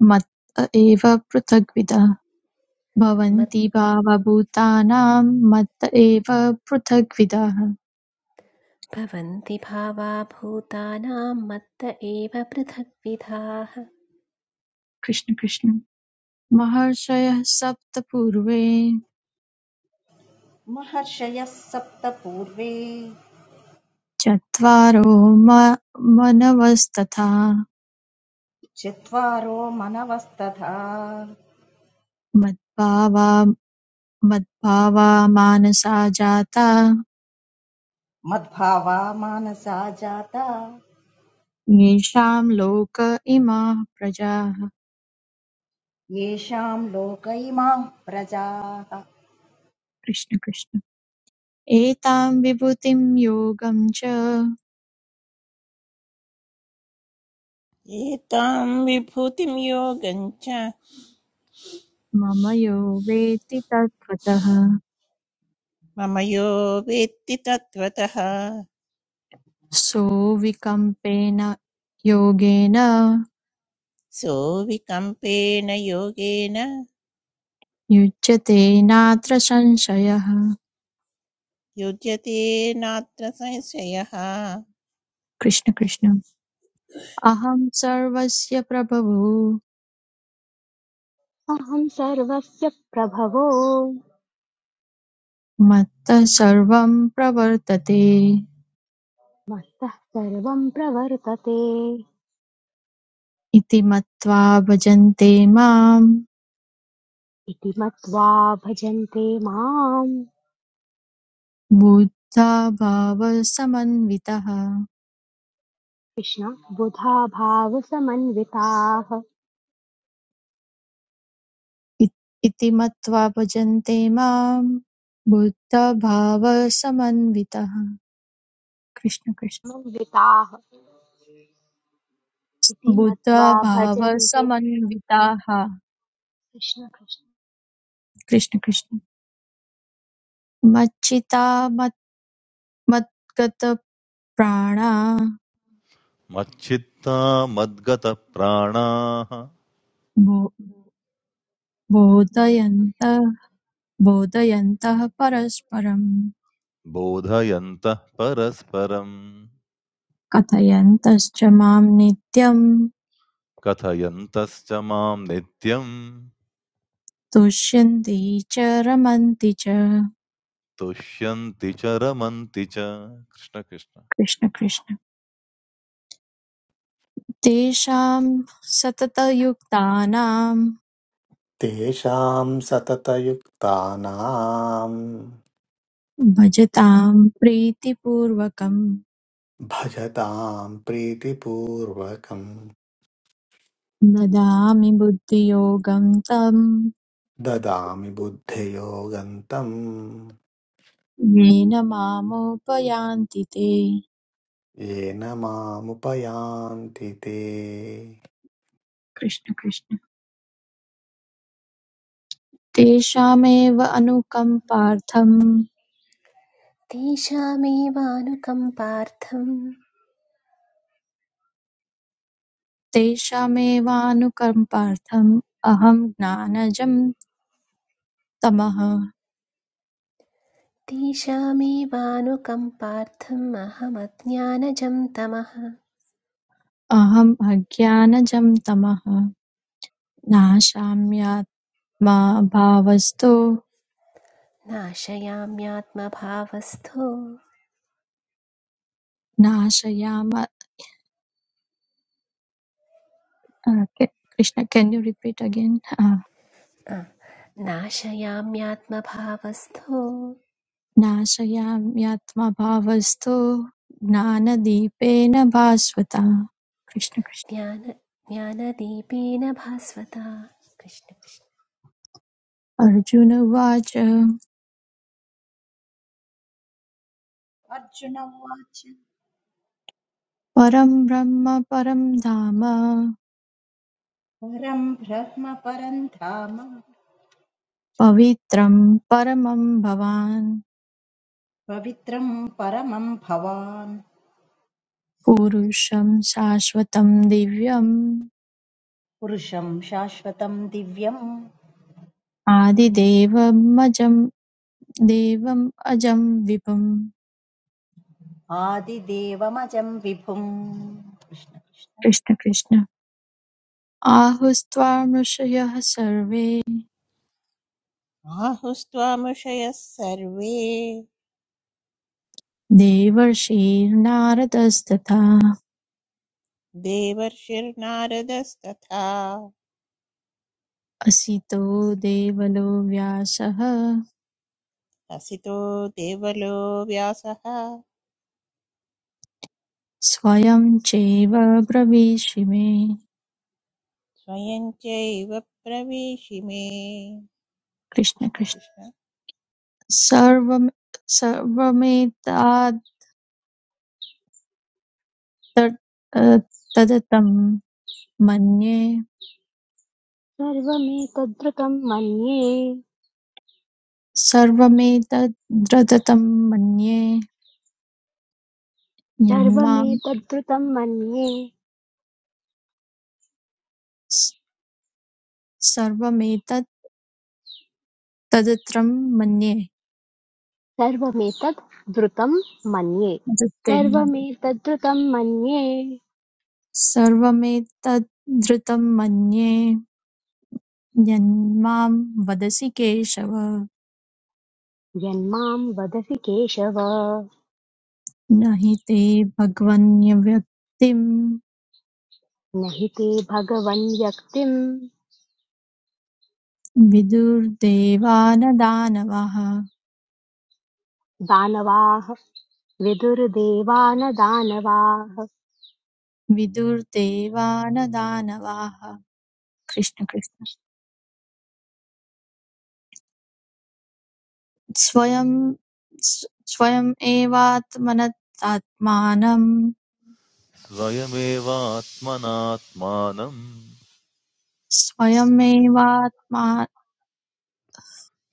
मत एव पृथग्विदः भवन्ति भावभूतानां मत एव पृथग्विदः मद्भवन्ति भावा भूतानां मत्त एव पृथग्विधाः कृष्ण कृष्ण महर्षयः सप्त पूर्वे महर्षयः सप्त पूर्वे चत्वारो म- मनवस्तथा चत्वारो मनवस्तथा मद्भावा मद्भावा मानसा जाता मद्भावा मानसा जाता येषां लोक इमाः प्रजाः येषाम् लोक इमाः प्रजाः कृष्ण कृष्ण एतां विभूतिं योगं च एतां विभूतिं योगं च मम यो वेत्ति तत्त्वतः मम यो वेत्ति तत्त्वतः सोऽविकम्पेन योगेन सोऽविकम्पेन योगेन युज्यते नात्र संशयः युज्यते नात्र संशयः कृष्ण कृष्ण अहं सर्वस्य प्रभवो अहं सर्वस्य प्रभवो मत्तः सर्वं प्रवर्तते मत्तः सर्वं प्रवर्तते इति मत्वा भजन्ते मां इति मत्वा भजन्ते माम् बुद्धा भावसमन्वितः कृष्ण बुधा भावसमन्विताः समन्विताः इत- इति मत्वा भजन्ते मां बुद्धभावसमन्वितः समन्विताः इति मत्वा बुधभावसमन्विताः भजन्ते कृष्ण कृष्ण कृष्ण कृष्ण मच्चिता मत् मद्गतप्राणा मच्चित्ता मद्गतप्राणाः बो- बोधयन्तः बोधयन्तः परस्परं बोधयन्तः परस्परम् कथयन्तश्च मां नित्यं कथयन्तश्च मां नित्यं तुष्यन्ति च रमन्ति च तुष्यन्ति च रमन्ति च कृष्ण कृष्ण कृष्ण कृष्ण तेषां सततयुक्तानां तेषां सततयुक्तानां भजतां प्रीतिपूर्वकं भजतां प्रीतिपूर्वकं ददामि बुद्धियोगं तं ददामि बुद्धियोगन्तं येन मामुपयान्ति ते येन मामुपयान्ति ते कृष्ण कृष्ण तेषामेव अनुकम्पार्थं तेषामेवानुकम्पार्थम् तेषामेवानुकम्पार्थम् अहं ज्ञानजं तमः तेषामेवानुकम्पार्थम् अहमज्ञानजं तमः अहम् अज्ञानजं तमः नाशाम्यात्मा भावस्तु नाशयाम्यात्मभावस्थो नाशयाम अ, के- Krishna can you repeat again ah, नाशयाम्यात्मभावस्थो नाशयाम्यात्मा भावस्तु ज्ञानदीपेन भास्वता कृष्ण कृष्ण ज्ञान ज्ञानदीपेन भास्वता कृष्ण कृष्ण अर्जुनवाच अर्जुन उवाच परं ब्रह्म परं धाम परं ब्रह्म परं धाम पवित्रं परमं भवान् पवित्रं परमं भवान् पुरुषं शाश्वतं दिव्यम् पुरुषं शाश्वतं दिव्यं आदिदेवमजं देवम् अजं विभुम् आदिदेवमजं विभुम् कृष्ण कृष्ण कृष्ण कृष्ण आहुस्त्वा मृषयः सर्वे आहुस्त्वामुषयः सर्वे देवर्षिर्नारदस्तथा देवर्षिर्नारदस्तथा असितो देवलो व्यासः हसितो देवलो व्यासः स्वयं चैव ब्रवीषि मे स्वयं चैव प्रवेशिमे कृष्ण कृष्ण कृष्ण कृष्ण सर्वम् सर्वमेतद्रदतं मन्ये सर्वमेतद्रुतं मन्ये सर्वमेतद्रदतं मन्ये यन्मां सर्वमेतद्रुतं मन्ये स- सर्वमेतत्तदत्रं मन्ये सर्वमेतद् मन्ये धृते मन्ये सर्वमेतद्रुतं मन्ये सर्वमेतद्धृतं मन्ये यन्मां वदसि केशव यन्मां वदसि केशव न हि ते भगवन्यव्यक्तिं न हि ते भगवन् व्यक्तिं विदुर्देवानदानवः दानवाः विदुर्देवान दानवाः विदुर्देवानदानवाः कृष्ण कृष्ण स्वयं स्व- स्वयम् एवात्मनतात्मानं स्वयमेवात्मनात्मानं स्वयमेवात्मा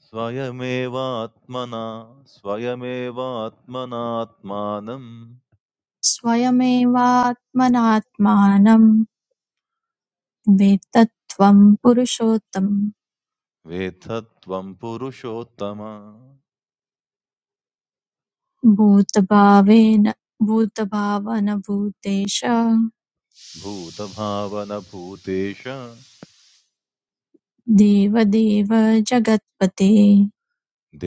स्वयमेवात्मना स्वयमेवात्मनात्मानं स्वयमेवात्मनात्मानं वेत्तत्वं पुरुषोत्तम वेत्थत्वं पुरुषोत्तम भूतभावेन भूतभावनभूतेश भूतभावनभूतेश देवदेव जगत्पते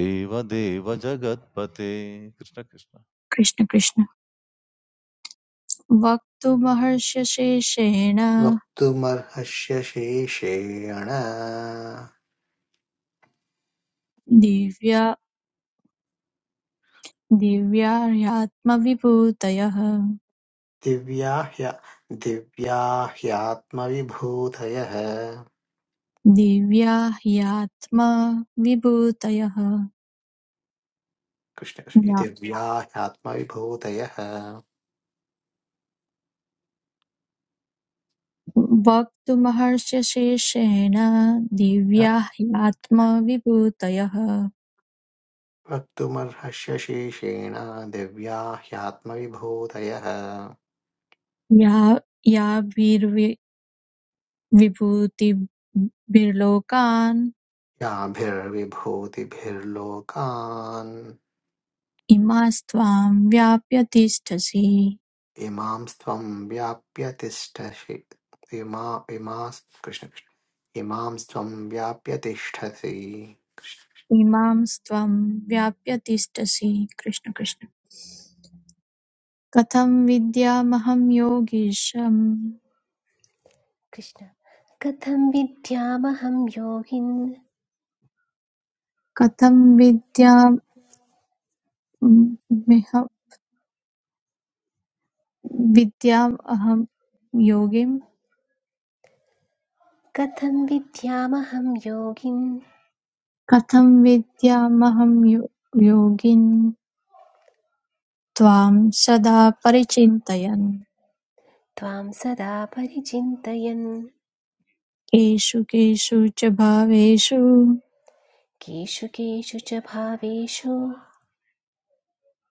देवदेव जगत्पते कृष्ण कृष्ण कृष्ण कृष्ण वक्तुमहर्षशेषेण वक्तुमर्हस्य शेषेण दिव्या दिव्या ह्यात्मविभूतयः दिव्या ह्य दिव्या ह्यात्मविभूतयः दिव्या ह्यात्मविभूतयः कृष्ण कृष्ण- ज्ञा- दिव्या ह्यात्मविभूतयः वक्तुमहर्षशेषेण दिव्या ह्यात्मविभूतयः वक्तुमर्हस्य शेषेण दिव्या ह्यात्मविभूतयः या याभिर्विभूतिभिर्लोकान् याभिर्विभूतिभिर्लोकान् इमास्त्वां व्याप्य तिष्ठसि इमां त्वं व्याप्य तिष्ठसि इमा इमास् कृष्णकृष्ण इमां त्वं व्याप्य तिष्ठसि इमां स्त्वं व्याप्य तिष्ठसि कृष्ण कृष्ण कथं विद्यामहं योगीशम् कृष्ण। कथं विद्यामहं योगिन् कथं विद्यामह विद्यामहं योगिम् कथं विद्यामहं योगिं कथं विद्यामहं यो- योगिन् त्वां सदा परिचिन्तयन् त्वां सदा परिचिन्तयन् केषु केषु च भावेषु केषु केषु च भावेषु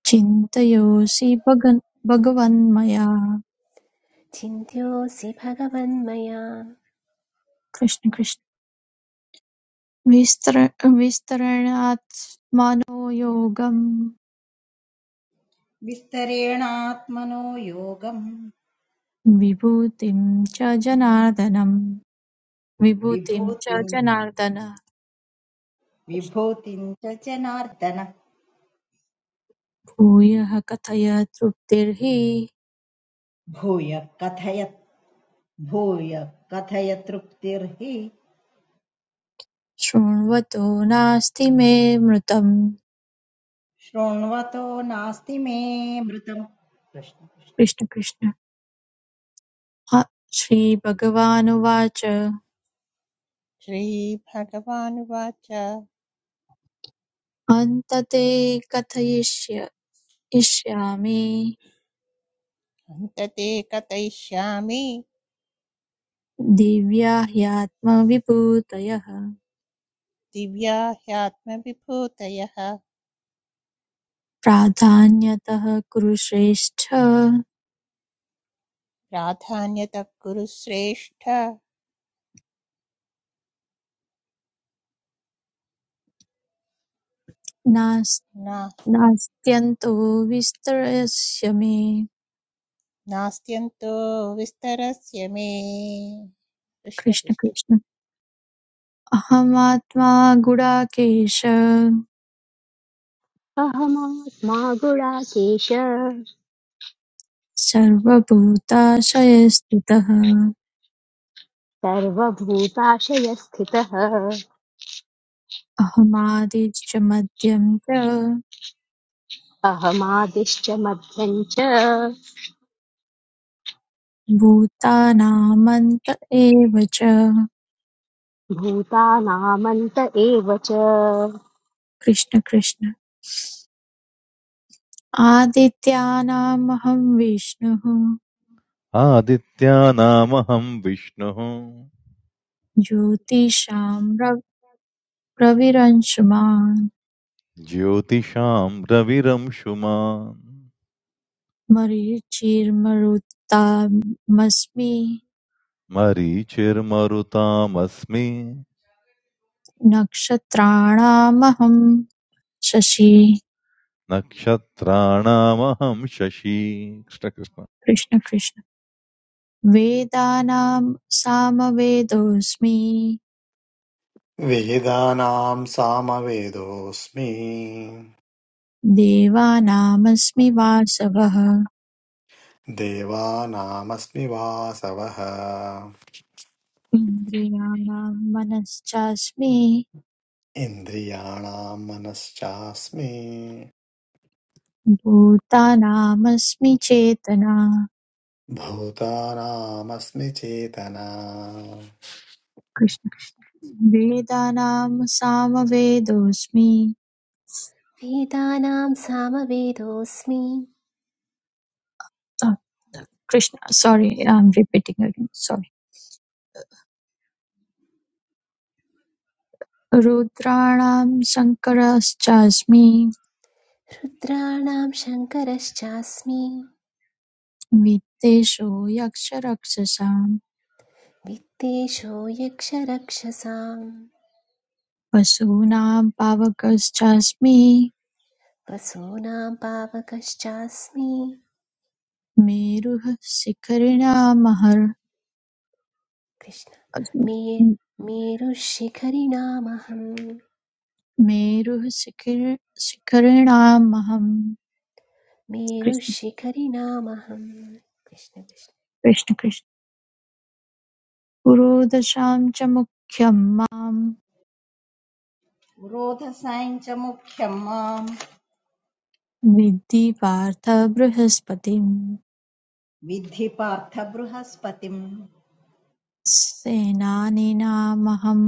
चिन्तयोऽसि भगन् भगवन्मया चिन्त्योऽसि भगवन्मया कृष्ण कृष्ण विस्तर विस्तरणात्मनो योगं विस्तरेणात्मनो योगं विभूतिं च जनार्दनम् विभूतिं च विभूतिं जनार्दन विभूतिं च जनार्दन भूयः कथय तृप्तिर्हि भूय कथय भूय कथय तृप्तिर्हि शृण्वतो नास्ति मे मृतम् शृण्वतो नास्ति मे मृतम् कृष्ण कृष्ण कृष्ण कृष्ण ह- श्रीभगवानुवाच श्रीभगवानुवाच अन्तते कथयिष्य इष्यामि हन्तते कथयिष्यामि दिव्या ह्यात्मविभूतयः दिव्या ह्यात्मविभूतयः प्राधान्यतः कुरुश्रेष्ठ प्राधान्यतः कुरु श्रेष्ठ नास्- ना नास्त्यन्तो विस्तरस्य मे नास्त्यन्तो विस्तरस्य मे कृष्ण कृष्ण कृष्ण कृष्ण अहमात्मा गुडाकेश अहमात्मा गुणाकेश सर्वभूताशयस्थितः सर्वभूताशयस्थितः अहमादिश्च मध्यं च अहमादिश्च मध्यं च भूतानामन्त एव च भूतानामन्त एव च कृष्ण कृष्ण आदित्यानामहं विष्णुः आदित्यानामहं विष्णुः ज्योतिषां र- रविरंशमान् ज्योतिषां रविरंशुमान् मरीचिर्मरुत्तामस्मि मरीचिर्मरुतामस्मि नक्षत्राणामहं शशि नक्षत्राणामहं शशी कृष्णकृष्ण कृष्ण कृष्ण वेदानां सामवेदोऽस्मि वेदानां सामवेदोऽस्मि देवानामस्मि वासवः देवानामस्मि वासवः इन्द्रियाणां मनश्चास्मि इन्द्रियाणां मनश्चास्मि भूतानामस्मि चेतना भूतानामस्मि चेतना कृष्ण वेदानां सामवेदोऽस्मि वेदानां सामवेदोऽस्मि Ah, Krishna sorry I am repeating again sorry रुद्राणां शङ्करश्चास्मि रुद्राणां शङ्करश्चास्मि वित्तेषु यक्षरक्षसां वित्तेषो यक्षरक्षसां वसूनां पावकश्चास्मि वसूनां पावकश्चास्मि मेरुः शिखरिणामहर कृष्ण मे मेरुशिखरिणामहम् मेरुः शिखिर- शिखरिणामहं कृष्ण मेरुशिखरिणामहं कृष्ण कृष्ण कृष्ण कृष्ण पुरोदशां च मुख्यं मां पुरोधसाञ्च मुख्यम् माम् विद्धि पार्थ बृहस्पतिं विद्धि पार्थ बृहस्पतिम् सेनानीनामहं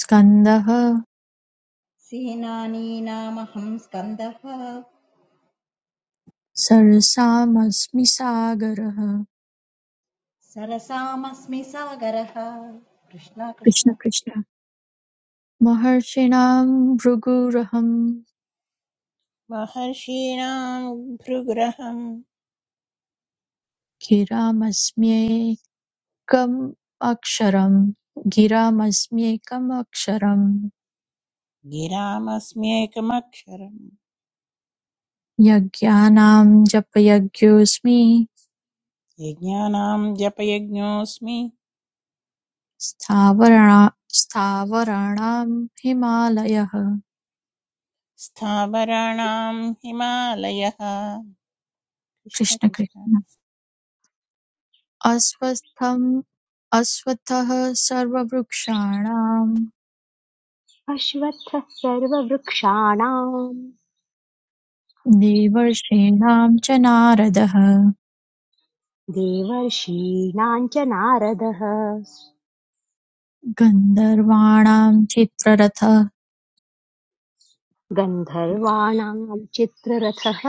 स्कन्दः सेनानीनामहम् स्कन्दः सरसामस्मि सागरः सरसामस्मि सागरः कृष्ण कृष्ण कृष्ण कृष्ण महर्षिणां भृगुरहं महर्षीणां भृगृहं गिरामस्म्येकम् अक्षरम् गिरामस्म्येकम् अक्षरम् गिरामस्म्येकमक्षरम् यज्ञानां जपयज्ञोऽस्मि यज्ञानां जपयज्ञोऽस्मि स्थावरणा स्थावराणां हिमालयः स्थावराणाम् हिमालयः कृष्ण कृष्ण कृष्ण कृष्ण अस्वस्थम् अस्वथः सर्ववृक्षाणां अश्वत्थः सर्ववृक्षाणां देवर्षीणां च नारदः देवर्षीणां च नारदः गन्धर्वाणां चित्ररथः गन्धर्वाणां चित्ररथः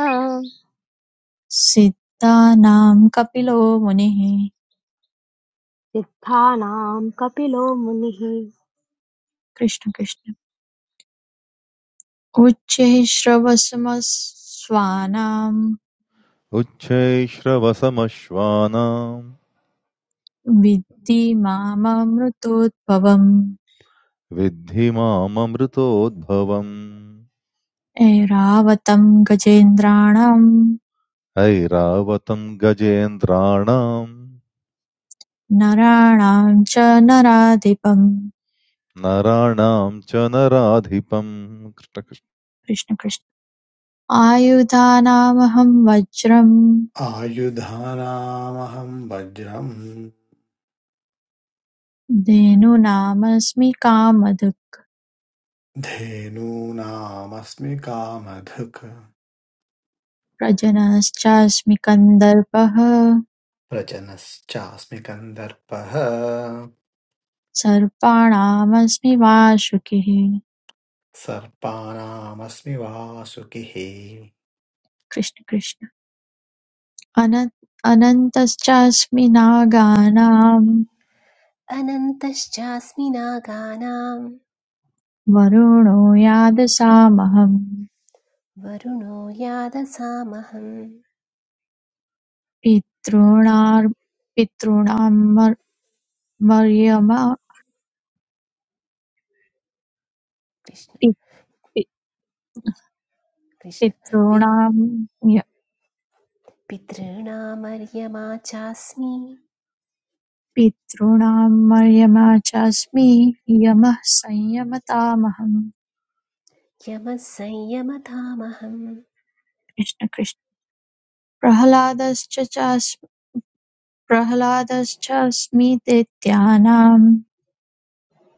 सिद्धानां कपिलो मुनिः सिद्धानां कपिलो मुनिः कृष्ण कृष्ण उच्चैः श्रवसमस्वानां उच्चैश्रवसमश्वानां विद्धि माममृतोद्भवम् विद्धि माममृतोद्भवम् ऐरावतं गजेन्द्राणां ऐरावतं गजेन्द्राणां नराणां च नराधिपम् नराणां च नराधिपम् कृष्णकृष्ण कृष्ण कृष्ण आयुधानामहं वज्रं आयुधानामहं वज्रम् धेनूनामस्मि कामधुक् धेनूनामस्मि कामधुक् प्रजनश्चास्मि कन्दर्पः व्रजनश्चास्मि कन्दर्पः सर्पाणामस्मि वासुकिः सर्पानामस्मि वासुकिः कृष्ण कृष्ण अन अनन्तश्चास्मि नागानां अनन्तश्चास्मिनागानां वरुणो यादसामहं वरुणो यादसामहं पितॄणां पितॄणां मर्- मर्यमा कृष्ण पि- पि- कृष्ण पित् पितॄणां य- पितॄणामर्यमा चास्मि पितॄणां मर्यमा चास्मि यमः संयमतामहं यमः संयमतामहं कृष्ण कृष्ण प्रह्लादश्च चास्मि प्रह्लादश्चास्मि दैत्यानां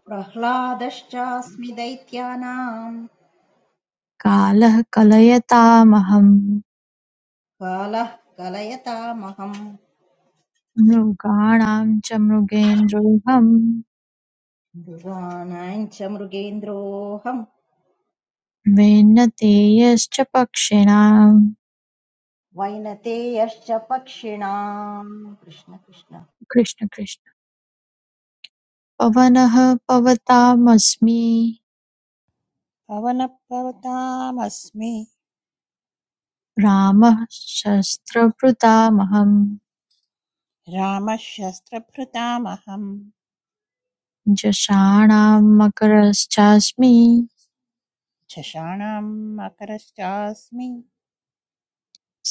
प्रह्लादश्चास्मि दैत्यानाम् कालः कलयतामहं कालः कलयतामहम् मृगाणां च मृगेन्द्रोऽहम् मृगाणाम् च मृगेन्द्रोऽहम् वेन्नतेयश्च पक्षिणां वैनतेयश्च पक्षिणाम् कृष्ण कृष्ण कृष्ण कृष्ण पवनः पवतामस्मि पवनपर्वतामस्मि रामः शस्त्रभृतामहम् रामः शस्त्रभृतामहम् जषाणां मकरश्चास्मि झषाणाम् मकरश्चास्मि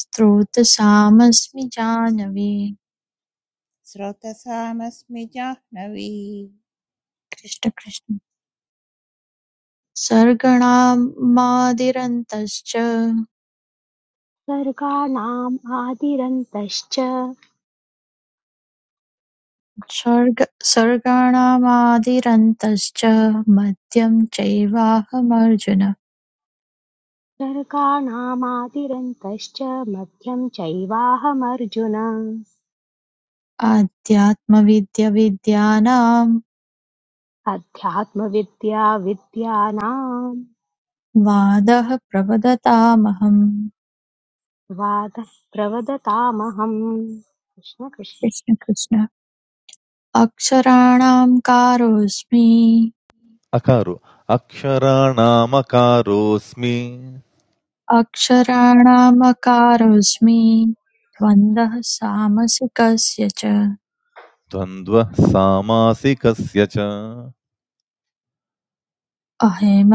स्रोतसामस्मि जानवी स्रोतसामस्मि जाह्नवी कृष्ण कृष्ण कृष्ण कृष्ण सर्गणामादिरन्तश्च सर्गाणाम् आदिरन्तश्च सर्ग सर्गाणामादिरन्तश्च मद्यं चैवाहमर्जुन सर्गाणामादिरन्तश्च मध्यं चैवाहमर्जुन आध्यात्मविद्यविद्यानां अध्यात्मविद्या विद्यानां वादः प्रवदतामहम् वादः प्रवदतामहम् कृष्ण कृष्ण कृष्ण कृष्ण अक्षराणां कारोऽस्मि अकारो अक्षराणामकारोऽस्मि अक्षराणामकारोऽस्मि द्वन्द्वः सामसिकस्य च द्वन्द्वः सामासिकस्य च अहेम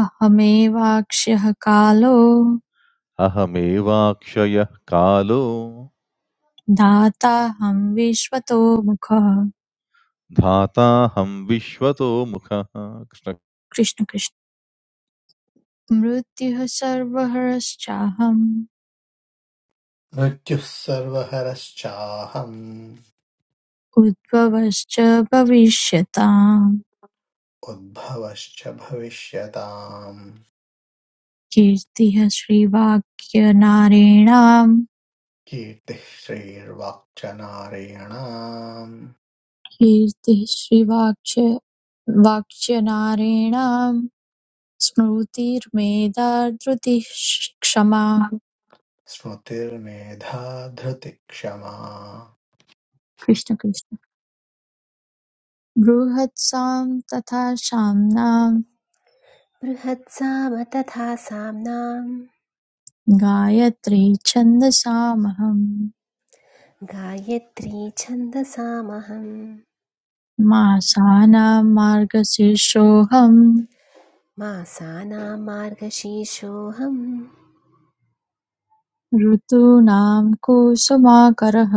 अहमेवाक्ष्यः कालो अहमेवाक्षयः कालो दाताहं विश्वतो मुखः धाताहं विश्वतो मुखः कृष्ण कृष्ण कृष्ण मृत्युः सर्वहरश्चाहम् मृत्युः सर्वहरश्चाहम् उद्भवश्च भविष्यताम् उद्भवश्च भविष्यताम् कीर्तिः श्रीवाक्यनारेणाम् कीर्तिः श्रीर्वाक्च नारायणाम् कीर्तिः श्रीवाक्य वाक्यनारेणाम् स्मृतिर्मेधा धृतिः क्षमा स्मृतिर्मेधा धृतिक्षमा कृष्ण कृष्ण बृहत्सां तथा साम्नां बृहत्साम तथा साम्नां गायत्री छन्दसामहम् गायत्री छन्दसामहं मासानां मार्गशीर्षोऽहम् मासानां मार्गशीर्षोऽहं ऋतूनां कुसुमाकरः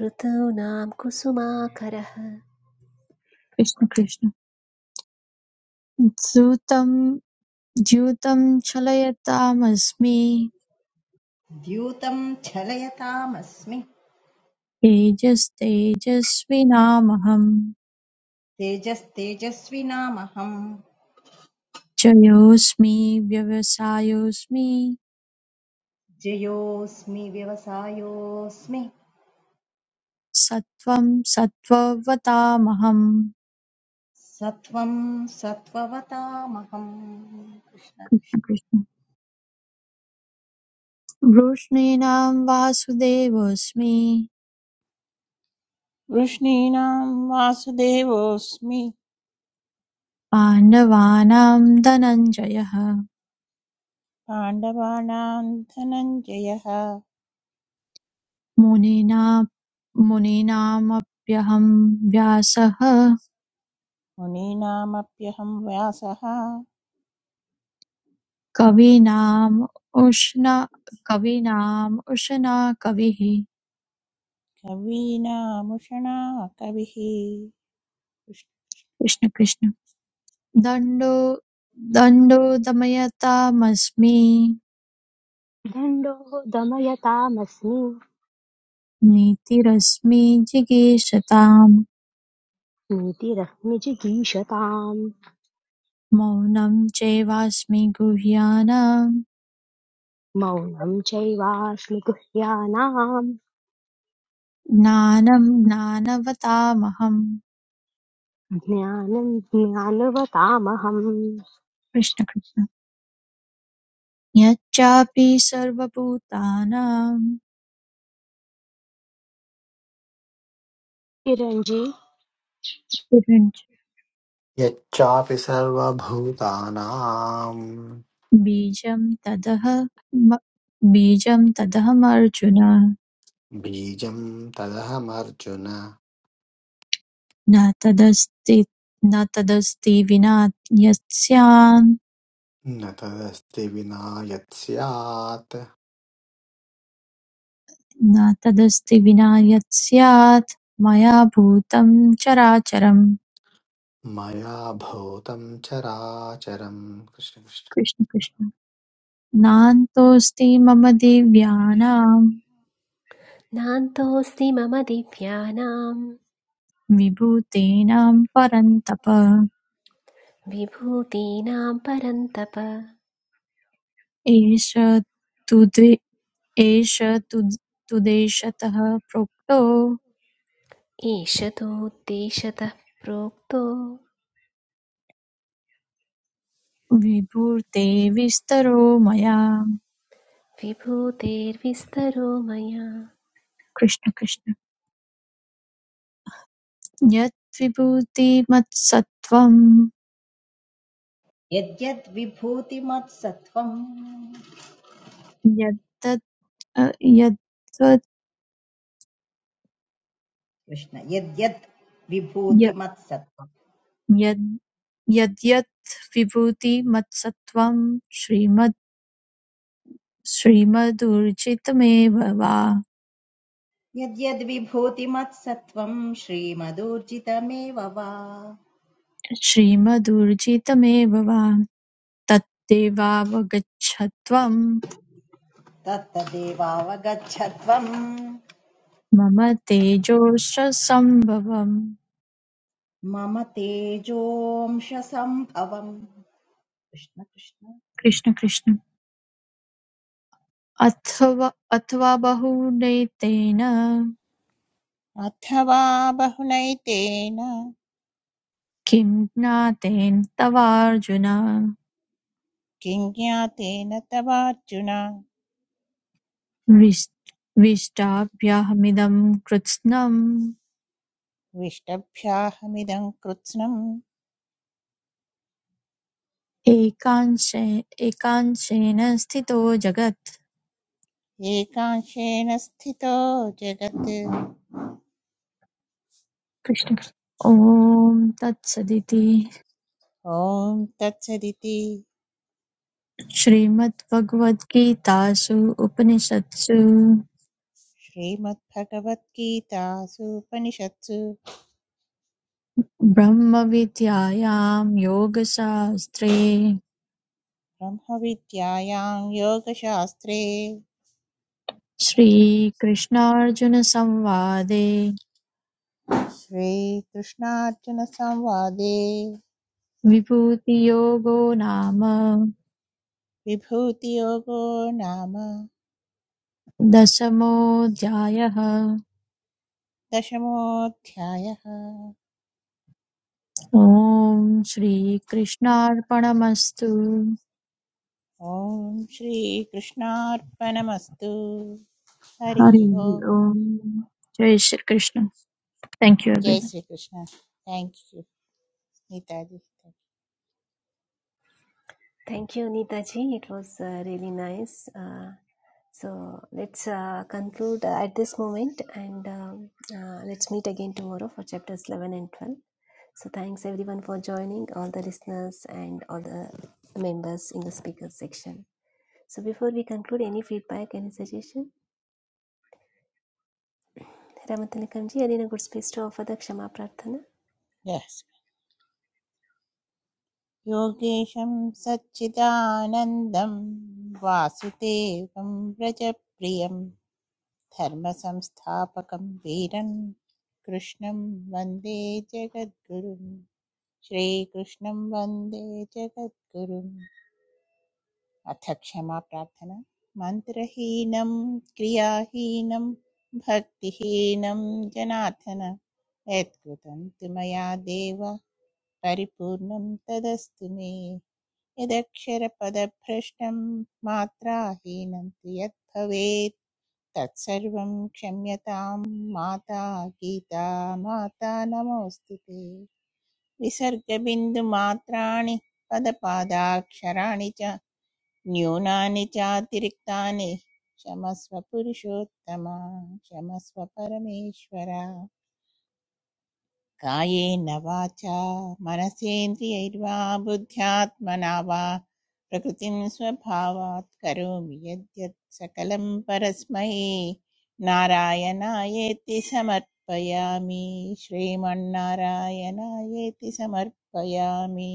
ऋतूनां कुसुमाकरः कृष्ण कृष्ण द्यूतं द्यूतं चलयतामस्मि द्यूतम् छलयतामस्मि तेजस्तेजस्विनामहम् तेजस्तेजस्विनामहम् जयोऽस्मि व्यवसायोऽस्मि जयोऽस्मि व्यवसायोऽस्मि सत्त्वं सत्त्ववतामहम् सत्वं सत्त्ववतामहम् कृष्ण कृष्ण कृष्ण। वृष्णीनां वासुदेवोऽस्मि वृष्णीनां वासुदेवोऽस्मि पाण्डवानां धनञ्जयः पाण्डवानां धनञ्जयः मुनीना मुनीनामप्यहं व्यासः मुनीनामप्यहं व्यासः कवीनाम् उष्ण कवीनाम् उशना कविः कवीनामुषणा कविः कृष्ण कृष्ण दण्डो दण्डो दमयतामस्मि दण्डो दमयतामस्मि नीतिरस्मि जिगीषताम् नीतिरस्मि जिगीषताम् मौनं चैवास्मि गुह्यानाम् मौनं चैवास्मि गुह्यानां ज्ञानं ज्ञानवतामहम् ज्ञानं ज्ञानवतामहम् कृष्ण कृष्ण यच्चापि सर्वभूतानां चिरञ्जीवी यच्चापि सर्वभूतानां बीजं तदह बीजं तदहमर्जुन बीजं तदहमर्जुन न तदस्ति न तदस्ति विना यत्स्यात् न तदस्ति विना यत् न तदस्ति विना यत्स्यात् मया भूतं चराचरम् मया भूतं चराचरं कृष्ण कृष्ण कृष्ण नान्तोऽस्ति मम दिव्यानां नान्तोऽस्ति मम दिव्यानां विभूतेनां परन्तप विभूतीनां परन्तप एष तु द्वे- एष तु तुदेशतः प्रोक्तो एष तोद्देशतः प्रोक्तो विभूते विस्तरो मया विभूतेर्विस्तरो मया कृष्ण कृष्ण यद्विभूतिमत्सत्त्वं यद्यद्विभूतिमत्सत्त्वम् यद्तद् अ, यद्वद् कृष्ण यद्यद् य- विभूतिमत्सत्त्वम् यद् यद्यत् विभूतिमत्सत्त्वं श्रीमद् श्रीमदूर्जितमेव वा यद्यद्विभूतिमत्सत्त्वम् श्रीमदूर्जितमेव वा श्रीमदूर्जितमेव वा तत्तेवावगच्छत्वं तत्तदेवावगच्छत्वम् मम तेजोश्च संभवम्। मम तेजोंश सम्भवम् कृष्ण कृष्ण कृष्ण कृष्ण अथवा अथवा बहुनेतेन अथवा बहुनैतेन किं ज्ञातेन तवार्जुन किं ज्ञातेन तवार्जुन विष्टाभ्याहमिदं कृत्स्नम् विष्टभ्याहमिदं कृत्स्नम् एकांशे- एकांशेन स्थितो जगत् एकांशेन स्थितो जगत् कृष्ण ॐ तत्सदिति ॐ तत्सदिति श्रीमद्भगवद्गीतासु उपनिषत्सु श्रीमद्भगवद्गीतासूपनिषत्सु ब्रह्मविद्यायां योगशास्त्रे ब्रह्मविद्यायां योगशास्त्रे श्रीकृष्णार्जुनसंवादे श्रीकृष्णार्जुनसंवादे विभूतियोगो नाम विभूतियोगो नाम दशमोऽध्यायः दशमोऽध्यायः ॐ श्रीकृष्णार्पणमस्तु ॐ श्रीकृष्णार्पणमस्तु हरिः हरि ओम् ओम् जय श्रीकृष्ण थैंक यू जय everyone Shri Krishna thank you Gitaji Thank you, Neetaji. It was uh, really nice. Uh, so let's uh, conclude uh, at this moment and um, uh, let's meet again tomorrow for chapters 11 and 12. So thanks everyone for joining, all the listeners and all the members in the speakers section. So before we conclude, any feedback, any suggestion? Ramatanikamji, are you in a good space to offer the Kshama Prarthana? Yes योगेशं सच्चिदानन्दं वासुदेवं व्रजप्रियं धर्मसंस्थापकं वीरं कृष्णं वन्दे जगद्गुरुं श्रीकृष्णं वन्दे जगद्गुरुं अथ क्षमा प्रार्थना मन्त्रहीनं क्रियाहीनं भक्तिहीनं जनाथन यत्कृतं तु मया देव परिपूर्णं तदस्तु मे यदक्षरपदभ्रष्टं मात्राहीनं तु यद्भवेत् तत्सर्वं क्षम्यतां माता गीता माता नमोऽस्तु ते विसर्गबिन्दुमात्राणि पदपादाक्षराणि च न्यूनानि चातिरिक्तानि क्षमस्व पुरुषोत्तम क्षमस्व परमेश्वर कायेन वाचा मनसेन्द्रियैर्वा बुद्ध्यात्मना वा प्रकृतिं स्वभावात् करोमि यद्यत् सकलं परस्मै नारायणायेति समर्पयामि श्रीमन्नारायणायेति समर्पयामि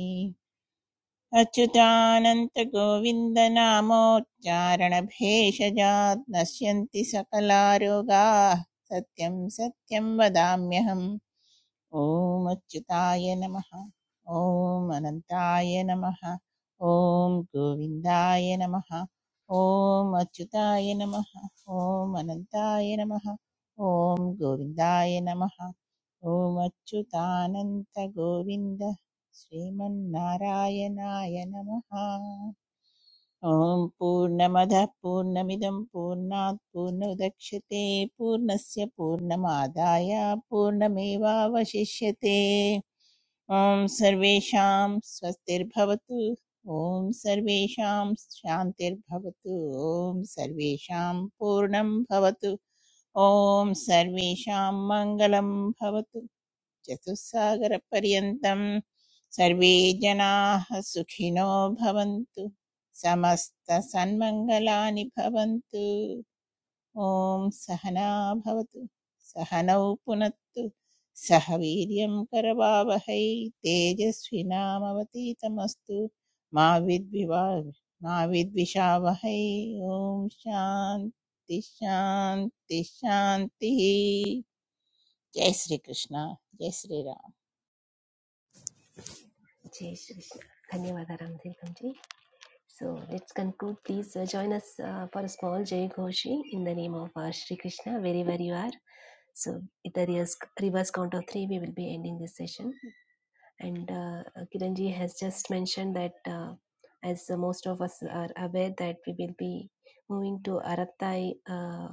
अच्युतानन्तगोविन्दनामोच्चारणभेषजात् नश्यन्ति सकलारोगाः सत्यं सत्यं वदाम्यहम् ॐ अच्युताय नमः ॐ अनन्ताय नमः ॐ गोविन्दाय नमः ॐ अच्युताय नमः ॐ अनन्ताय नमः ॐ गोविन्दाय नमः ॐ अच्युतानन्तगोविन्द श्रीमन्नारायणाय नमः ॐ पूर्णमदः पूर्णमिदं पूर्णात् पूर्णोदक्ष्यते पूर्णस्य पूर्णमादाय पूर्णमेवावशिष्यते ॐ सर्वेषां स्वस्तिर्भवतु ॐ सर्वेषां शान्तिर्भवतु ॐ सर्वेषां पूर्णं भवतु ॐ सर्वेषां मङ्गलं भवतु चतुस्सागरपर्यन्तम् सर्वे जनाः सुखिनो भवन्तु समस्तसन्मङ्गलानि भवन्तु ॐ सहना भवतु सहनौ पुनत्तु सह वीर्यं करवावहै तेजस्विनामवतीतमस्तु मा विद्विवा मा विद्विषावहै ॐ शान्ति शान्ति शान्तिः जय श्रीकृष्ण जय Shriram Jai Shri Krishna. Dhanyavada Ramatanikamji. So let's conclude. Please uh, join us uh, for a small Jai Ghoshi in the name of uh, Shri Krishna, wherever you are. So with the reverse, reverse count of three, we will be ending this session. And uh, Kiranji has just mentioned that uh, as uh, most of us are aware that we will be moving to Arattai uh,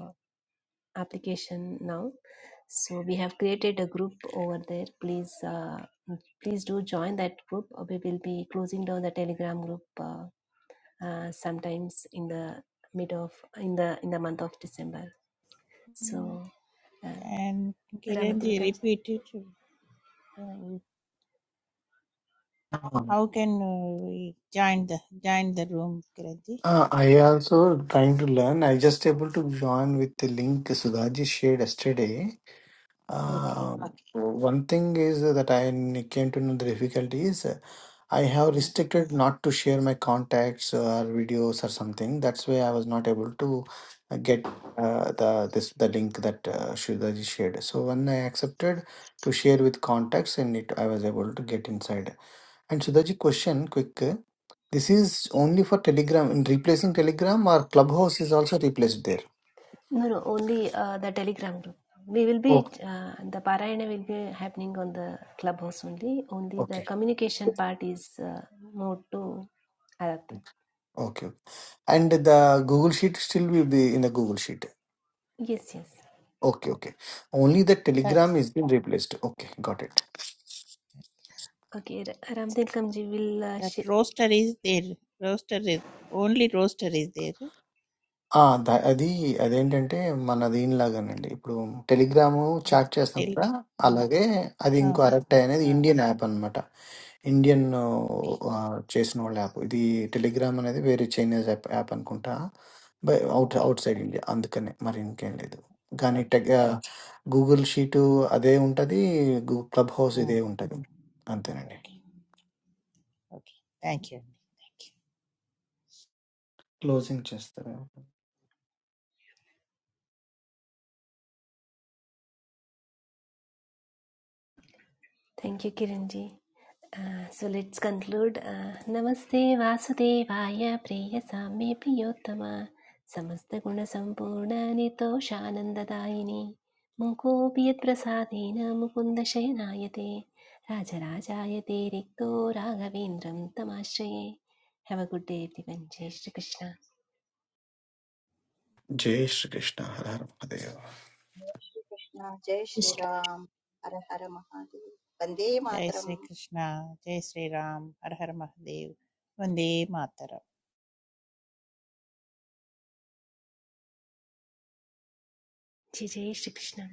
application now so we have created a group over there please uh, please do join that group Uh, we will be closing down the telegram group uh, uh, sometimes in the mid of in the in the month of december so uh, And Kiranji Ramatilakam- repeated, uh, Krishna how can uh, we join the join the room, Kiranji? Uh, I also trying to learn. I just able to join with the link Sudhaji shared yesterday. Okay, Uh, Okay. one thing is that I n- came to know the difficulty is uh, I have uh, restricted not to share my contacts or videos or something. That's why I was not able to uh, get uh, the this the link that uh, Shudaji shared. So when I accepted to share with contacts, and it I was able to get inside. And Shudaji, question quick. uh, This is only for Telegram. In replacing Telegram or Clubhouse is also replaced there. no no only uh, the telegram group we will be Okay. uh, the parayana will be happening on the clubhouse only only the Okay. communication part is uh, more to Aratta. Okay. And the Google Sheet still will be in the Google Sheet. yes yes Okay, okay. Only the that Telegram is been replaced. Okay, got it. Okay, Ra- Ramtil Kamji will. Uh, that sh- roaster is there. Roaster is only roaster is there. ఆ, ద- అది అదేంటంటే మన దీనిలాగానండి ఇప్పుడు టెలిగ్రాము Mm, చాట్ చేస్తాం Tell కదా uh, అలాగే అది oh ఇంకో no. అరెక్ట్ అనేది Uh, ఇండియన్ యాప్ అన్నమాట ఇండియన్ okay, ఆ, చేసిన వాళ్ళ యాప్ ఇది టెలిగ్రామ్ అనేది వేరే చైనీస్ యాప్ యాప్ అనుకుంటా by out okay, outside India అందుకనే మరి ఇంకేం లేదు కానీ okay, టెక్ గూగుల్ షీట్ అదే ఉంటుంది క్లబ్ హౌస్ uh, ఇదే ఉంటుంది అంతేనండి okay, okay. Thank you, thank you. Closing చేస్తారు Thank you, Kiranji. Uh, so let's conclude. Uh, Namaste Vasudevaya Priya Same Priyottama Samasta Guna Sampurna Nitoshanandadayini Munkopi Yat Prasadena Mukunda Shayanayate Rajarajayate Rikto Raghavendram Tamashaye Have a good day everyone. Jai Shri Krishna. జై శ్రీకృష్ణ హర హర మహాదేవ్ श्रीकृष्ण जय श्रीराम हर हर महादेव वन्दे Jai Sri मातरम् Krishna, Jai Sri Ram, Har Har Mahadev, Vande Mataram. Jai Jai Shri Krishna.